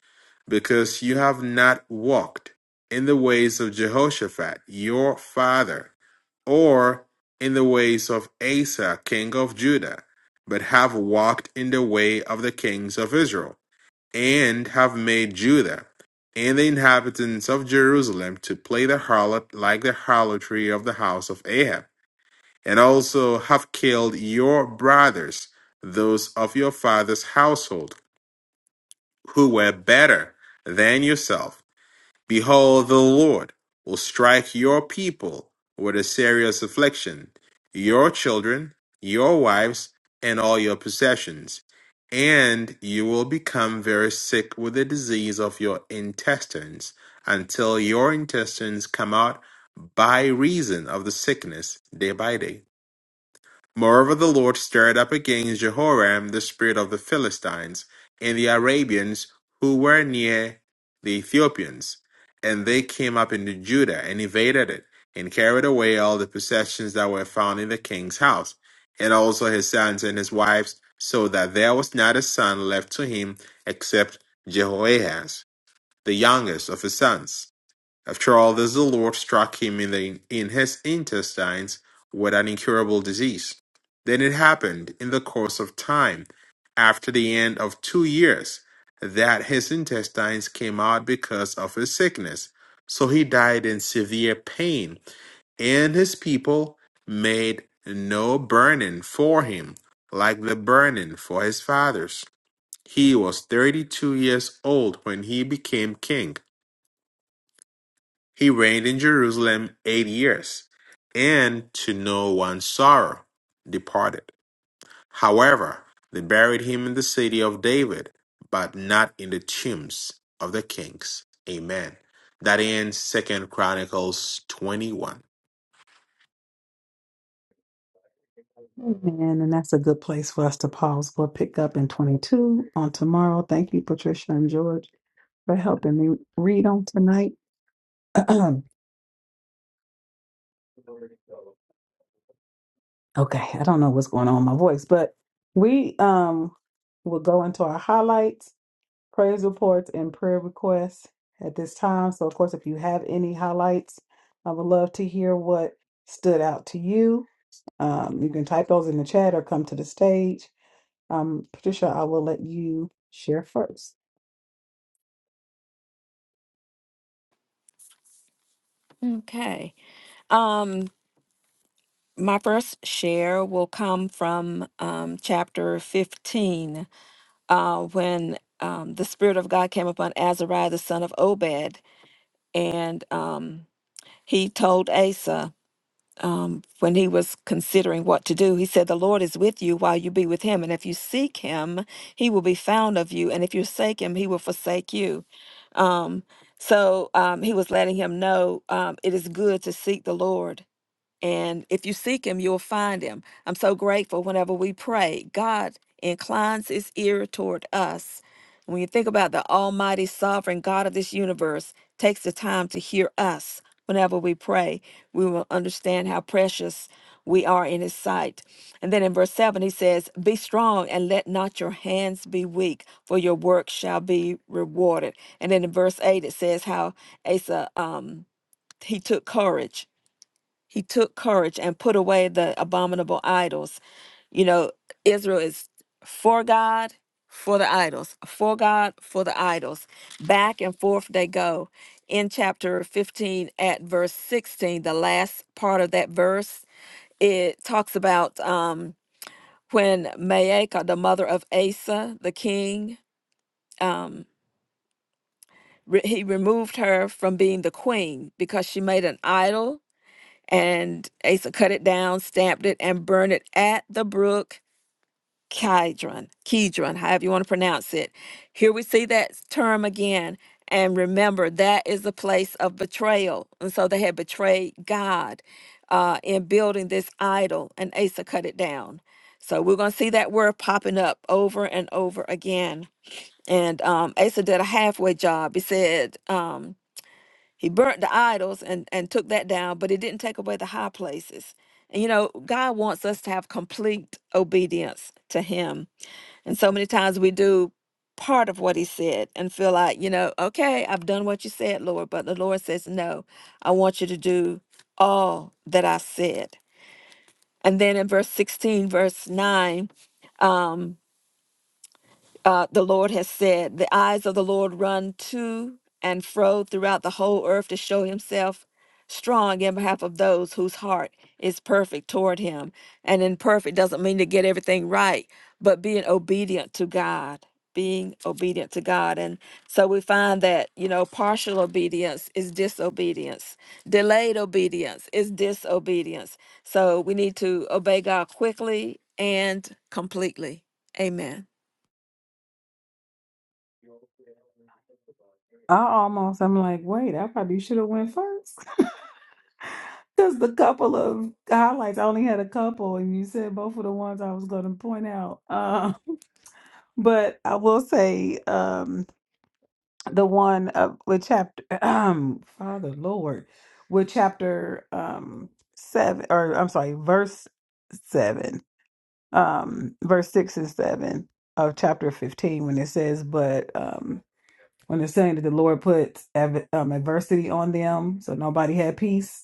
[SPEAKER 3] because you have not walked in the ways of Jehoshaphat your father, or in the ways of Asa king of Judah, but have walked in the way of the kings of Israel and have made Judah and the inhabitants of Jerusalem to play the harlot like the harlotry of the house of Ahab, and also have killed your brothers, those of your father's household, who were better than yourself Behold, the Lord will strike your people with a serious affliction, your children, your wives, and all your possessions, and you will become very sick with the disease of your intestines until your intestines come out by reason of the sickness day by day. Moreover the Lord stirred up against Jehoram the spirit of the Philistines, and the Arabians who were near the Ethiopians, and they came up into Judah and invaded it, and carried away all the possessions that were found in the king's house, and also his sons and his wives, so that there was not a son left to him except Jehoahaz, the youngest of his sons. After all this, the Lord struck him in, the, in his intestines with an incurable disease. Then it happened in the course of time, after the end of two years, that his intestines came out because of his sickness. So he died in severe pain, and his people made no burning for him, like the burning for his fathers. He was thirty two years old when he became king he reigned in Jerusalem eight years, and to no one's sorrow departed. However, they buried him in the city of David, but not in the tombs of the kings. Amen. That ends Second Chronicles 21.
[SPEAKER 1] Amen. And that's a good place for us to pause. We'll pick up in 22 on tomorrow. Thank you, Patricia and George, for helping me read on tonight. okay, I don't know what's going on with my voice, but we um will go into our highlights, praise reports, and prayer requests at this time. So, of course, if you have any highlights, I would love to hear what stood out to you. Um, you can type those in the chat or come to the stage. Um, Patricia, I will let you share first.
[SPEAKER 2] Okay. Um, my first share will come from um, chapter 15, uh, when um, the Spirit of God came upon Azariah, the son of Obed, and um, he told Asa. um, when he was considering what to do, he said, The Lord is with you while you be with him. And if you seek him, he will be found of you. And if you forsake him, he will forsake you. Um, so um, he was letting him know um, it is good to seek the Lord and if you seek him, you'll find him. I'm so grateful whenever we pray, God inclines his ear toward us. When you think about the almighty sovereign God of this universe takes the time to hear us whenever we pray, we will understand how precious we are in his sight. And then in verse 7, he says, Be strong and let not your hands be weak, for your work shall be rewarded. And then in verse 8, it says how Asa, um, he took courage he took courage and put away the abominable idols. You know, Israel is for God, for the idols, for God, for the idols. Back and forth they go. In chapter 15, at verse 16, the last part of that verse, it talks about um, when Maacah, the mother of Asa, the king, um, re- he removed her from being the queen because she made an idol And Asa cut it down, stamped it, and burned it at the brook Kidron, Kidron, however you want to pronounce it. Here we see that term again. And remember, that is a place of betrayal. And so they had betrayed God uh, in building this idol, and Asa cut it down. So we're going to see that word popping up over and over again. And um, Asa did a halfway job. He said, um, he burnt the idols and, and took that down, but he didn't take away the high places. And you know, God wants us to have complete obedience to him. And so many times we do part of what he said and feel like, you know, okay, I've done what you said, Lord. But the Lord says, no, I want you to do all that I said. And then in verse 16, verse 9, um, uh, the Lord has said, The eyes of the Lord run to and fro throughout the whole earth to show himself strong in behalf of those whose heart is perfect toward him. And imperfect doesn't mean to get everything right, but being obedient to God. Being obedient to God. And so we find that, you know, partial obedience is disobedience. Delayed obedience is disobedience. So we need to obey God quickly and completely. Amen.
[SPEAKER 1] I almost, I'm like, wait, I probably should have went first. Because the couple of highlights, I only had a couple, and you said both of the ones I was going to point out. Uh, but I will say um, the one of with chapter, um, Father Lord, with chapter um, seven, or I'm sorry, verse seven, um, verse six and seven of chapter 15, when it says, but um, when it's saying that the Lord puts ad- um, adversity on them, so nobody had peace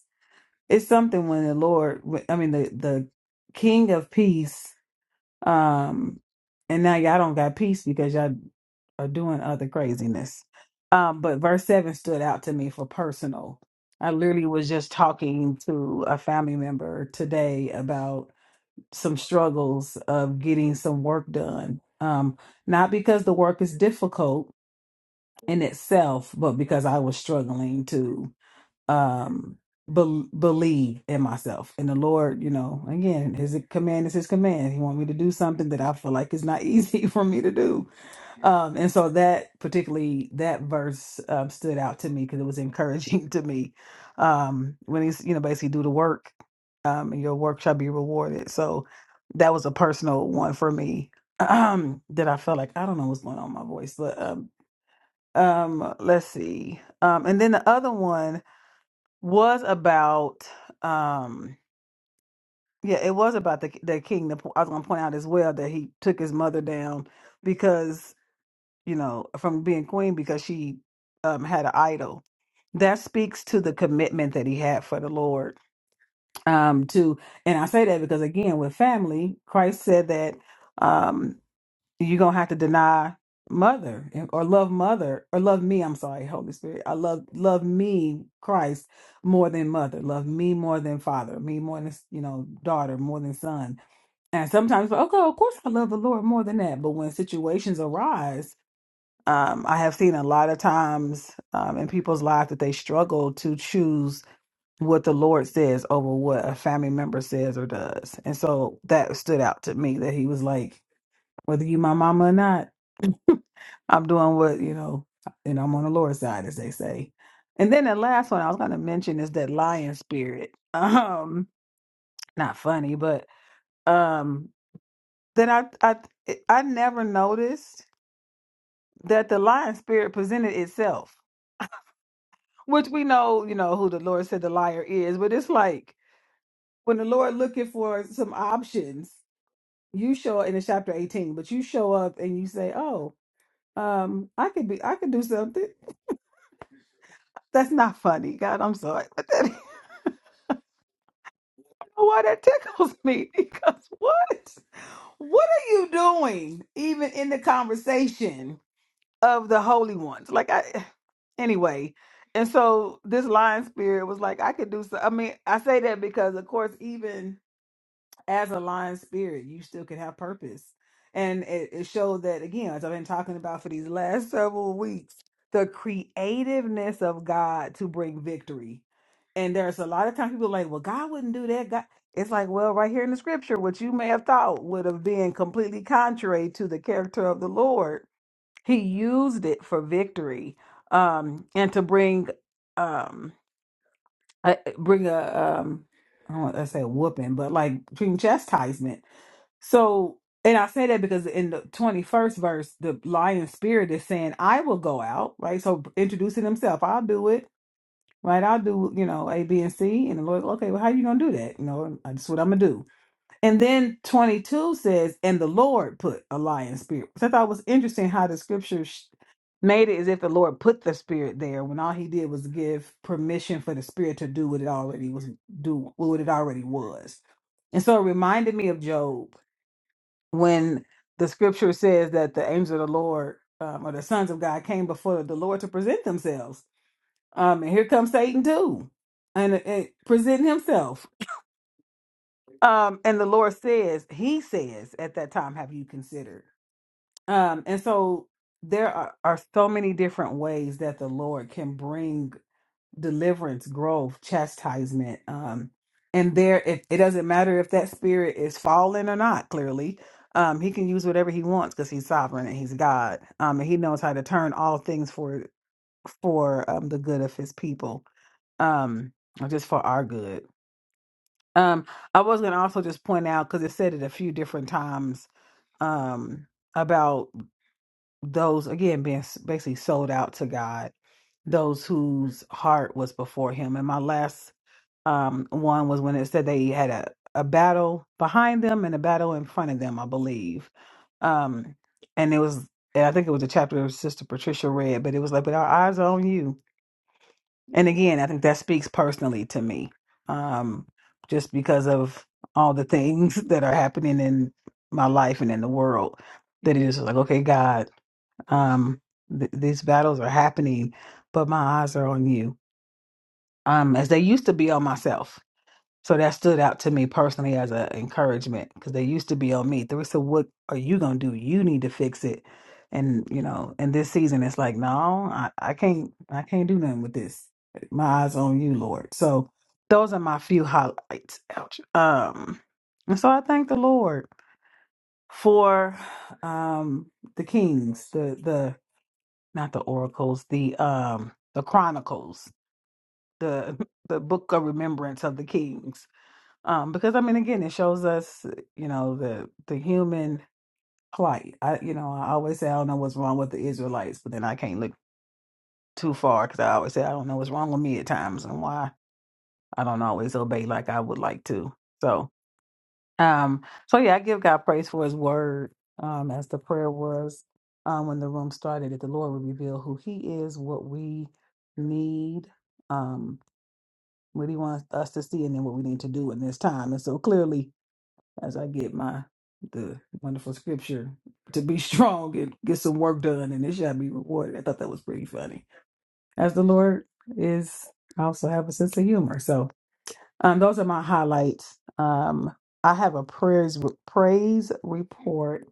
[SPEAKER 1] it's something when the Lord, I mean the the King of Peace, um, and now y'all don't got peace because y'all are doing other craziness. Um, but verse seven stood out to me for personal. I literally was just talking to a family member today about some struggles of getting some work done. Um, not because the work is difficult in itself, but because I was struggling too um bel believe in myself and the lord you know again his command is his command he want me to do something that i feel like is not easy for me to do um and so that particularly that verse um, stood out to me because it was encouraging to me um when he's you know basically do the work um and your work shall be rewarded so that was a personal one for me um that i felt like i don't know what's going on with my voice but um um let's see um and then the other one was about um yeah it was about the the king the, po- i was going to point out as well that he took his mother down because you know from being queen because she um had an idol that speaks to the commitment that he had for the lord um to and i say that because again with family christ said that um, you're gonna have to deny mother and- or love mother or love me i'm sorry holy spirit i love love me christ more than mother love me more than father me more than you know daughter more than son and sometimes like, okay of course i love the lord more than that but when situations arise um i have seen a lot of times um in people's lives that they struggle to choose what the lord says over what a family member says or does and so that stood out to me that he was like whether you my mama or not I'm doing what, you know, and I'm on the Lord's side, as they say. And then the last one I was going to mention is that lion spirit. Um, not funny, but um, that I I I never noticed that the lion spirit presented itself, which we know, you know, who the Lord said the liar is. But it's like when the Lord looking for some options, you show in the chapter 18, but you show up and you say, "Oh, um, I could be, I could do something." That's not funny, God. I'm sorry. Why that tickles me? Because what? What are you doing? Even in the conversation of the holy ones, like I. Anyway, and so this lion spirit was like, I could do so. I mean, I say that because, of course, even as a lion spirit, you still can have purpose. And it, it showed that again, as I've been talking about for these last several weeks, the creativeness of God to bring victory. And there's a lot of times people are like, well, God wouldn't do that. God, it's like, well, right here in the scripture, what you may have thought would have been completely contrary to the character of the Lord, He used it for victory, um, and to bring, um, a, bring a, um, I don't want to say whooping, but like bring chastisement so, and I say that because in the 21st verse, the lion spirit is saying, I will go out, right? So introducing himself, I'll do it, right? I'll do, you know, A, B, and C. And the Lord, okay, well, how you going to do that? You know, that's what I'm going to do. And then 22 says, and the Lord put a lion spirit, which I thought was interesting how the scripture sh- made it as if the Lord put the spirit there when all he did was give permission for the spirit to do what it already was do what it already was. And so it reminded me of Job when the scripture says that the angels of the Lord um, or the sons of God came before the Lord to present themselves. Um, and here comes Satan too, and, and presenting himself. Um, and the Lord says, He says, at that time, have you considered? Um, and so there are, are so many different ways that the Lord can bring deliverance, growth, chastisement. Um, and there, it, it doesn't matter if that spirit is fallen or not, clearly. Um, he can use whatever he wants because he's sovereign and he's God. Um, and he knows how to turn all things for for um, the good of his people, um, or just for our good. Um, I was going to also just point out because it said it a few different times um, about those again being s- basically sold out to God, those whose heart was before Him. And my last um, one was when it said they had a, a battle behind them and a battle in front of them, I believe. Um, and it was, and I think it was a chapter Sister Patricia read, but it was like, but our eyes are on you. And again, I think that speaks personally to me, um, just because of all the things that are happening in my life and in the world. That it is like, okay, God, um, th- these battles are happening, but my eyes are on you. Um, as they used to be on myself so that stood out to me personally as an encouragement because they used to be on me. They would say, "What are you gonna do? You need to fix it." And you know, and this season, it's like, no, I, I can't, I can't do nothing with this. My eyes on you, Lord. So those are my few highlights. Ouch. Um, and so I thank the Lord for um the kings, the the not the oracles, the um the chronicles, the the book of remembrance of the kings um, because I mean, again, it shows us, you know, the the human plight. I, you know, I always say I don't know what's wrong with the Israelites, but then I can't look too far because I always say I don't know what's wrong with me at times and why I don't always obey like I would like to. So, um, so yeah, I give God praise for His word. Um, as the prayer was, um, when the room started, that the Lord would reveal who He is, what we need, um, what He wants us to see, and then what we need to do in this time. And so clearly as I get my the wonderful scripture to be strong and get some work done, and it shall be rewarded. I thought that was pretty funny. As the Lord is, I also have a sense of humor. So um, those are my highlights. Um, I have a prayers praise report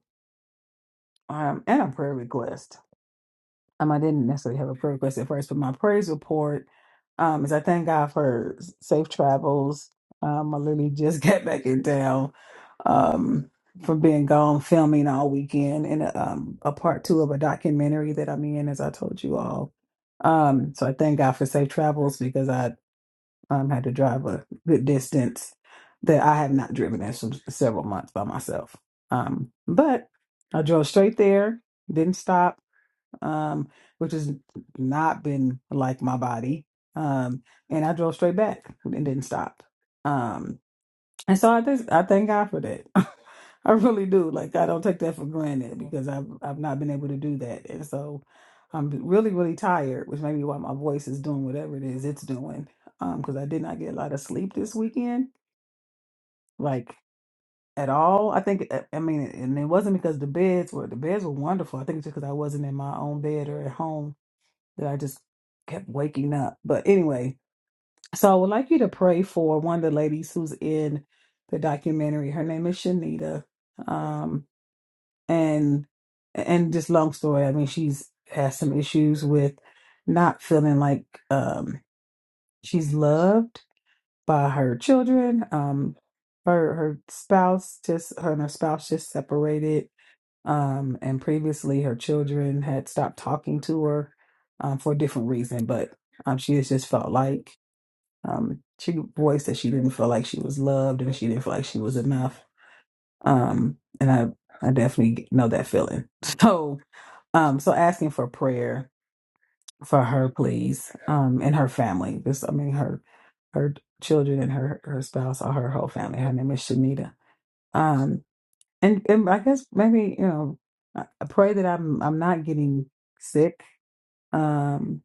[SPEAKER 1] um, and a prayer request. Um, I didn't necessarily have a prayer request at first, but my praise report um, is I thank God for s- safe travels. Um, I literally just got back in town um, from being gone filming all weekend in a, um, a part two of a documentary that I'm in, as I told you all. Um, so I thank God for safe travels because I um, had to drive a good distance that I have not driven in some, several months by myself. Um, but I drove straight there, didn't stop um, which has not been like my body. Um, and I drove straight back and didn't stop. Um, and so I just I thank God for that. I really do. Like I don't take that for granted because I've I've not been able to do that, and so I'm really really tired, which may be why my voice is doing whatever it is it's doing. Um, because I did not get a lot of sleep this weekend, like at all. I think I I mean, and it wasn't because the beds were the beds were wonderful. I think it's just because I wasn't in my own bed or at home that I just kept waking up. But anyway, so I would like you to pray for one of the ladies who's in the documentary. Her name is Shanita. Um, and and just long story, I mean, she's has some issues with not feeling like um she's loved by her children. Um her her spouse just her and her spouse just separated um, and previously, her children had stopped talking to her um, for a different reason, but um, she has just felt like um, she voiced that she didn't feel like she was loved and she didn't feel like she was enough. Um, and I, I definitely know that feeling. So, um, so asking for prayer for her, please, um, and her family. This, I mean, her, her children and her her spouse or her whole family. Her name is Shanita. Um, and and I guess maybe you know I I pray that I'm I'm not getting sick. Um,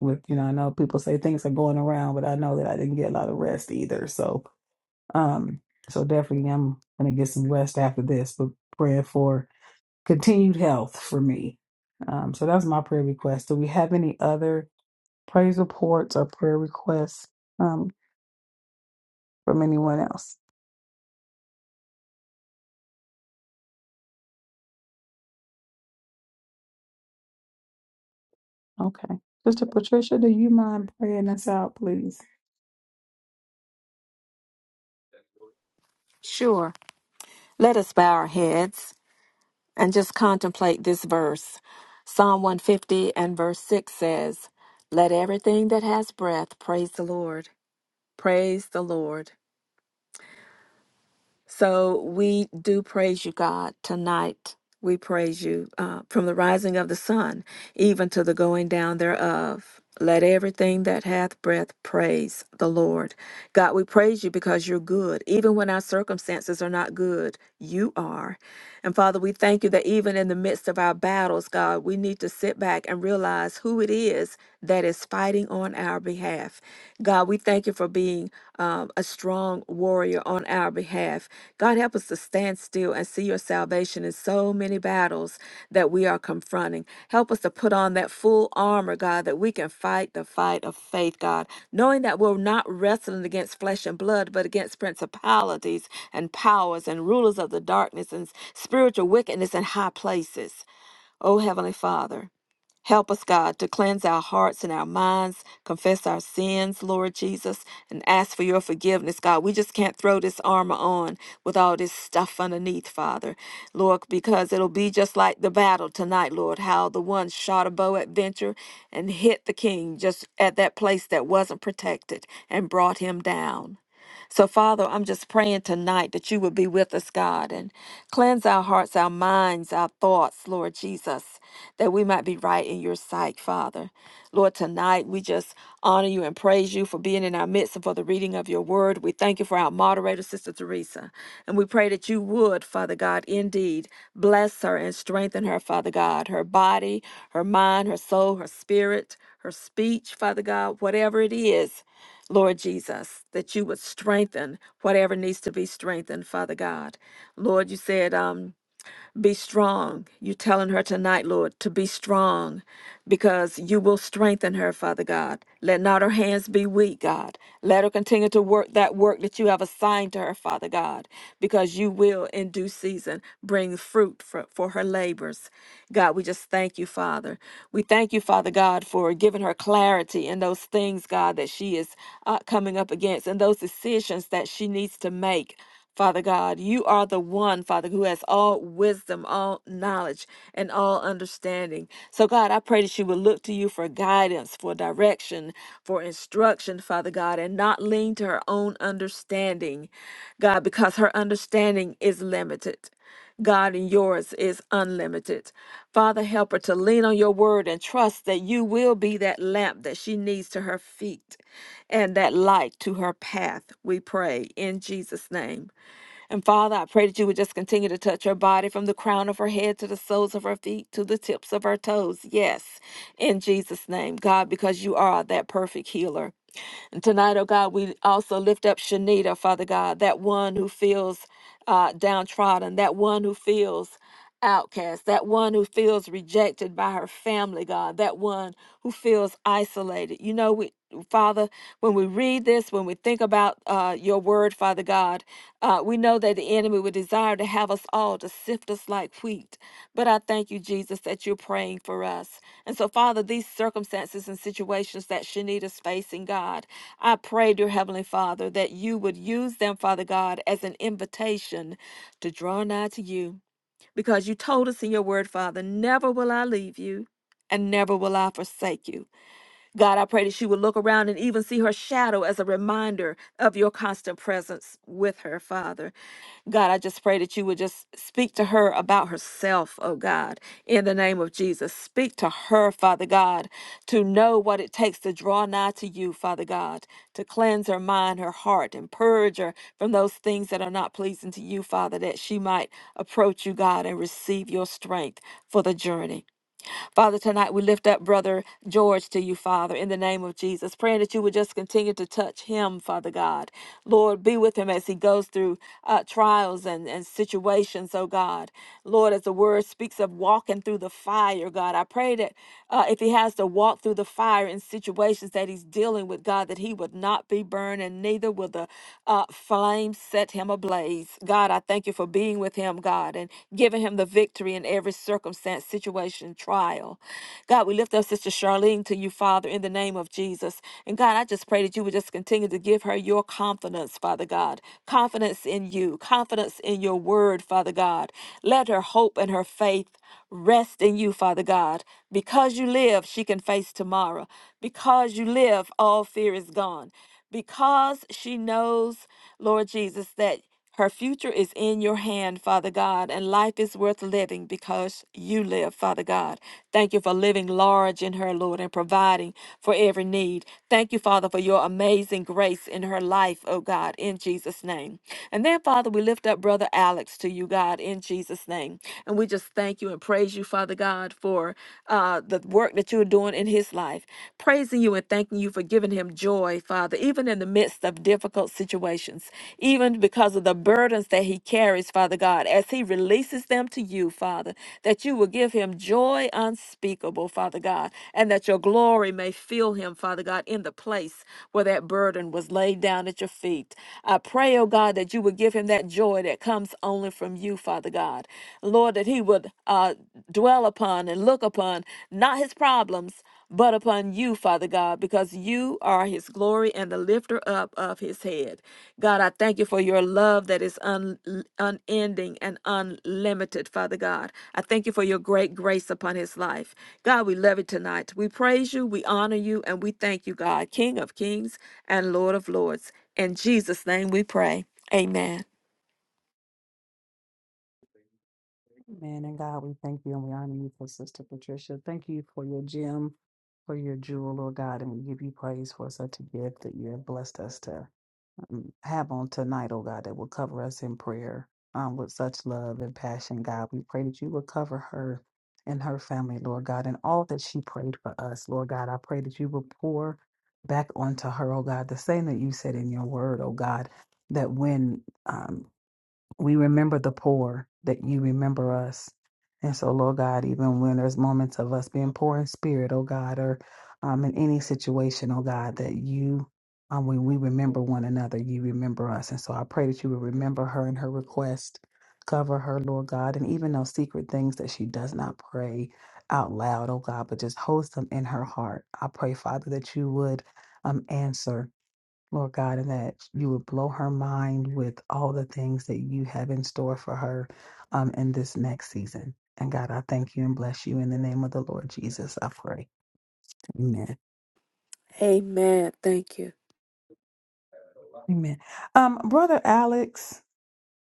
[SPEAKER 1] with you know I know people say things are going around, but I know that I didn't get a lot of rest either. So um, so definitely I'm gonna get some rest after this, but praying for continued health for me. Um, so that's my prayer request. Do we have any other praise reports or prayer requests um from anyone else? Okay, Sister Patricia, do you mind praying us out, please?
[SPEAKER 2] Sure. Let us bow our heads and just contemplate this verse. Psalm 150 and verse 6 says, Let everything that has breath praise the Lord. Praise the Lord. So we do praise you, God, tonight. We praise you uh, from the rising of the sun even to the going down thereof. Let everything that hath breath praise the Lord. God, we praise you because you're good. Even when our circumstances are not good, you are. And Father, we thank you that even in the midst of our battles, God, we need to sit back and realize who it is that is fighting on our behalf. God, we thank you for being um, a strong warrior on our behalf. God, help us to stand still and see your salvation in so many battles that we are confronting. Help us to put on that full armor, God, that we can fight the fight of faith, God, knowing that we're not wrestling against flesh and blood, but against principalities and powers and rulers of the darkness and spiritual wickedness in high places. Oh, Heavenly Father. Help us, God, to cleanse our hearts and our minds, confess our sins, Lord Jesus, and ask for your forgiveness, God. We just can't throw this armor on with all this stuff underneath, Father, Lord, because it'll be just like the battle tonight, Lord, how the one shot a bow at venture and hit the king just at that place that wasn't protected and brought him down. So, Father, I'm just praying tonight that you would be with us, God, and cleanse our hearts, our minds, our thoughts, Lord Jesus, that we might be right in your sight, Father. Lord, tonight we just honor you and praise you for being in our midst and for the reading of your word. We thank you for our moderator, Sister Teresa. And we pray that you would, Father God, indeed bless her and strengthen her, Father God, her body, her mind, her soul, her spirit, her speech, Father God, whatever it is. Lord Jesus, that you would strengthen whatever needs to be strengthened, Father God. Lord, you said, um, be strong. You're telling her tonight, Lord, to be strong because you will strengthen her, Father God. Let not her hands be weak, God. Let her continue to work that work that you have assigned to her, Father God, because you will in due season bring fruit for, for her labors. God, we just thank you, Father. We thank you, Father God, for giving her clarity in those things, God, that she is uh, coming up against and those decisions that she needs to make. Father God, you are the one, Father, who has all wisdom, all knowledge, and all understanding. So, God, I pray that you would look to you for guidance, for direction, for instruction, Father God, and not lean to her own understanding, God, because her understanding is limited. God, and yours is unlimited. Father, help her to lean on your word and trust that you will be that lamp that she needs to her feet and that light to her path, we pray in Jesus' name. And Father, I pray that you would just continue to touch her body from the crown of her head to the soles of her feet to the tips of her toes. Yes, in Jesus' name, God, because you are that perfect healer. And tonight, oh God, we also lift up Shanita, Father God, that one who feels uh, downtrodden, that one who feels outcast, that one who feels rejected by her family, God, that one who feels isolated. You know, we, Father, when we read this, when we think about uh, your word, Father God, uh, we know that the enemy would desire to have us all to sift us like wheat. But I thank you, Jesus, that you're praying for us. And so, Father, these circumstances and situations that Shanita's facing, God, I pray, dear Heavenly Father, that you would use them, Father God, as an invitation to draw nigh to you because you told us in your word, Father, never will I leave you and never will I forsake you. God, I pray that she would look around and even see her shadow as a reminder of your constant presence with her, Father. God, I just pray that you would just speak to her about herself, oh God, in the name of Jesus. Speak to her, Father God, to know what it takes to draw nigh to you, Father God, to cleanse her mind, her heart, and purge her from those things that are not pleasing to you, Father, that she might approach you, God, and receive your strength for the journey. Father, tonight we lift up Brother George to you, Father, in the name of Jesus, praying that you would just continue to touch him, Father God. Lord, be with him as he goes through uh, trials and, and situations, oh God. Lord, as the word speaks of walking through the fire, God, I pray that uh, if he has to walk through the fire in situations that he's dealing with, God, that he would not be burned and neither will the uh, flame set him ablaze. God, I thank you for being with him with him, God, and giving him the victory in every circumstance, situation, trial. God, we lift up Sister Charlene to you, Father, in the name of Jesus. And God, I just pray that you would just continue to give her your confidence, Father God, confidence in you, confidence in your word, Father God. Let her hope and her faith rest in you, Father God. Because you live, she can face tomorrow. Because you live, all fear is gone. Because she knows, Lord Jesus, that. Her future is in your hand, Father God, and life is worth living because you live, Father God. Thank you for living large in her, Lord, and providing for every need. Thank you, Father, for your amazing grace in her life, oh God, in Jesus' name. And then, Father, we lift up Brother Alex to you, God, in Jesus' name. And we just thank you and praise you, Father God, for uh, the work that you're doing in his life. Praising you and thanking you for giving him joy, Father, even in the midst of difficult situations, even because of the burdens that he carries, Father God, as he releases them to you, Father, that you will give him joy unspeakable, Father God, and that your glory may fill him, Father God, in the place where that burden was laid down at your feet. I pray, oh God, that you would give him that joy that comes only from you, Father God. Lord, that he would uh, dwell upon and look upon not his problems but upon you, Father God, because you are his glory and the lifter up of his head. God, I thank you for your love that is un- unending and unlimited, Father God. I thank you for your great grace upon his life. God, we love you tonight. We praise you, we honor you, and we thank you, God, King of kings and Lord of lords. In Jesus' name we pray. Amen.
[SPEAKER 1] Man and God, we thank you and we honor you for Sister Patricia. Thank you for your gem, for your jewel, Lord God, and we give you praise for such a gift that you have blessed us to um, have on tonight, oh God, that will cover us in prayer um, with such love and passion, God. We pray that you will cover her and her family, Lord God, and all that she prayed for us, Lord God. I pray that you will pour back onto her, oh God, the same that you said in your word, oh God, that when um, we remember the poor, that you remember us. And so, Lord God, even when there's moments of us being poor in spirit, oh God, or um, in any situation, oh God, that you, um, when we remember one another, you remember us. And so I pray that you would remember her and her request, cover her, Lord God, and even those secret things that she does not pray out loud, oh God, but just holds them in her heart. I pray, Father, that you would um, answer Lord God, and that you would blow her mind with all the things that you have in store for her um, in this next season. And God, I thank you and bless you in the name of the Lord Jesus. I pray. Amen.
[SPEAKER 2] Amen. Thank you.
[SPEAKER 1] Amen. Um, Brother Alex,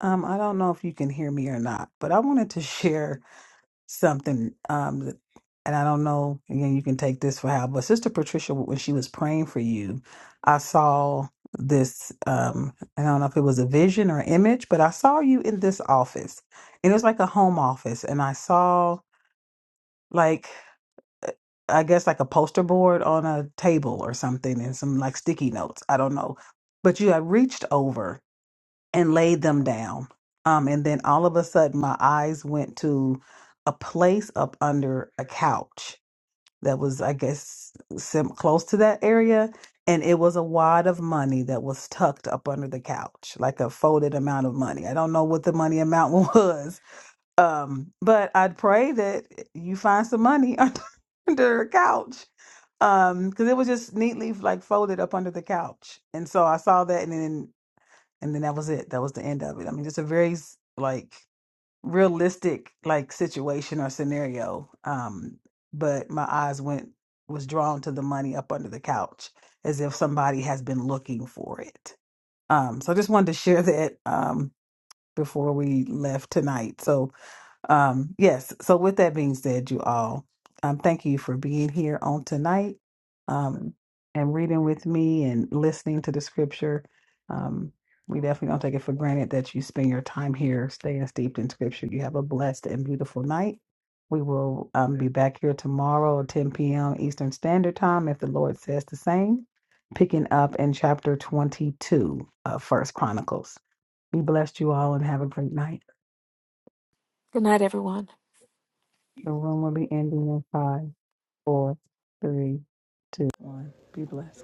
[SPEAKER 1] um, I don't know if you can hear me or not, but I wanted to share something um and I don't know again you can take this for how but Sister Patricia when she was praying for you I saw this um I don't know if it was a vision or image but I saw you in this office and it was like a home office and I saw like uh, I guess like a poster board on a table or something and some like sticky notes I don't know but you had reached over and laid them down. Um, and then all of a sudden, my eyes went to a place up under a couch that was, I guess, sim- close to that area. And it was a wad of money that was tucked up under the couch, like a folded amount of money. I don't know what the money amount was, um, but I'd pray that you find some money under, under a couch um because it was just neatly like folded up under the couch and so i saw that and then and then that was it. That was the end of it. I mean, just a very s- like realistic like situation or scenario. Um, but my eyes went was drawn to the money up under the couch as if somebody has been looking for it. Um, so I just wanted to share that um before we left tonight. So um, yes. So with that being said, you all, um, thank you for being here on tonight, um, and reading with me and listening to the scripture. Um, we definitely don't take it for granted that you spend your time here, staying steeped in scripture. You have a blessed and beautiful night. We will um, be back here tomorrow, at 10 p.m. Eastern Standard Time, if the Lord says the same. Picking up in chapter 22 of First Chronicles. Be blessed, you all, and have a great night.
[SPEAKER 2] Good night, everyone.
[SPEAKER 1] The room will be ending in five. four, three, two, one. Be blessed.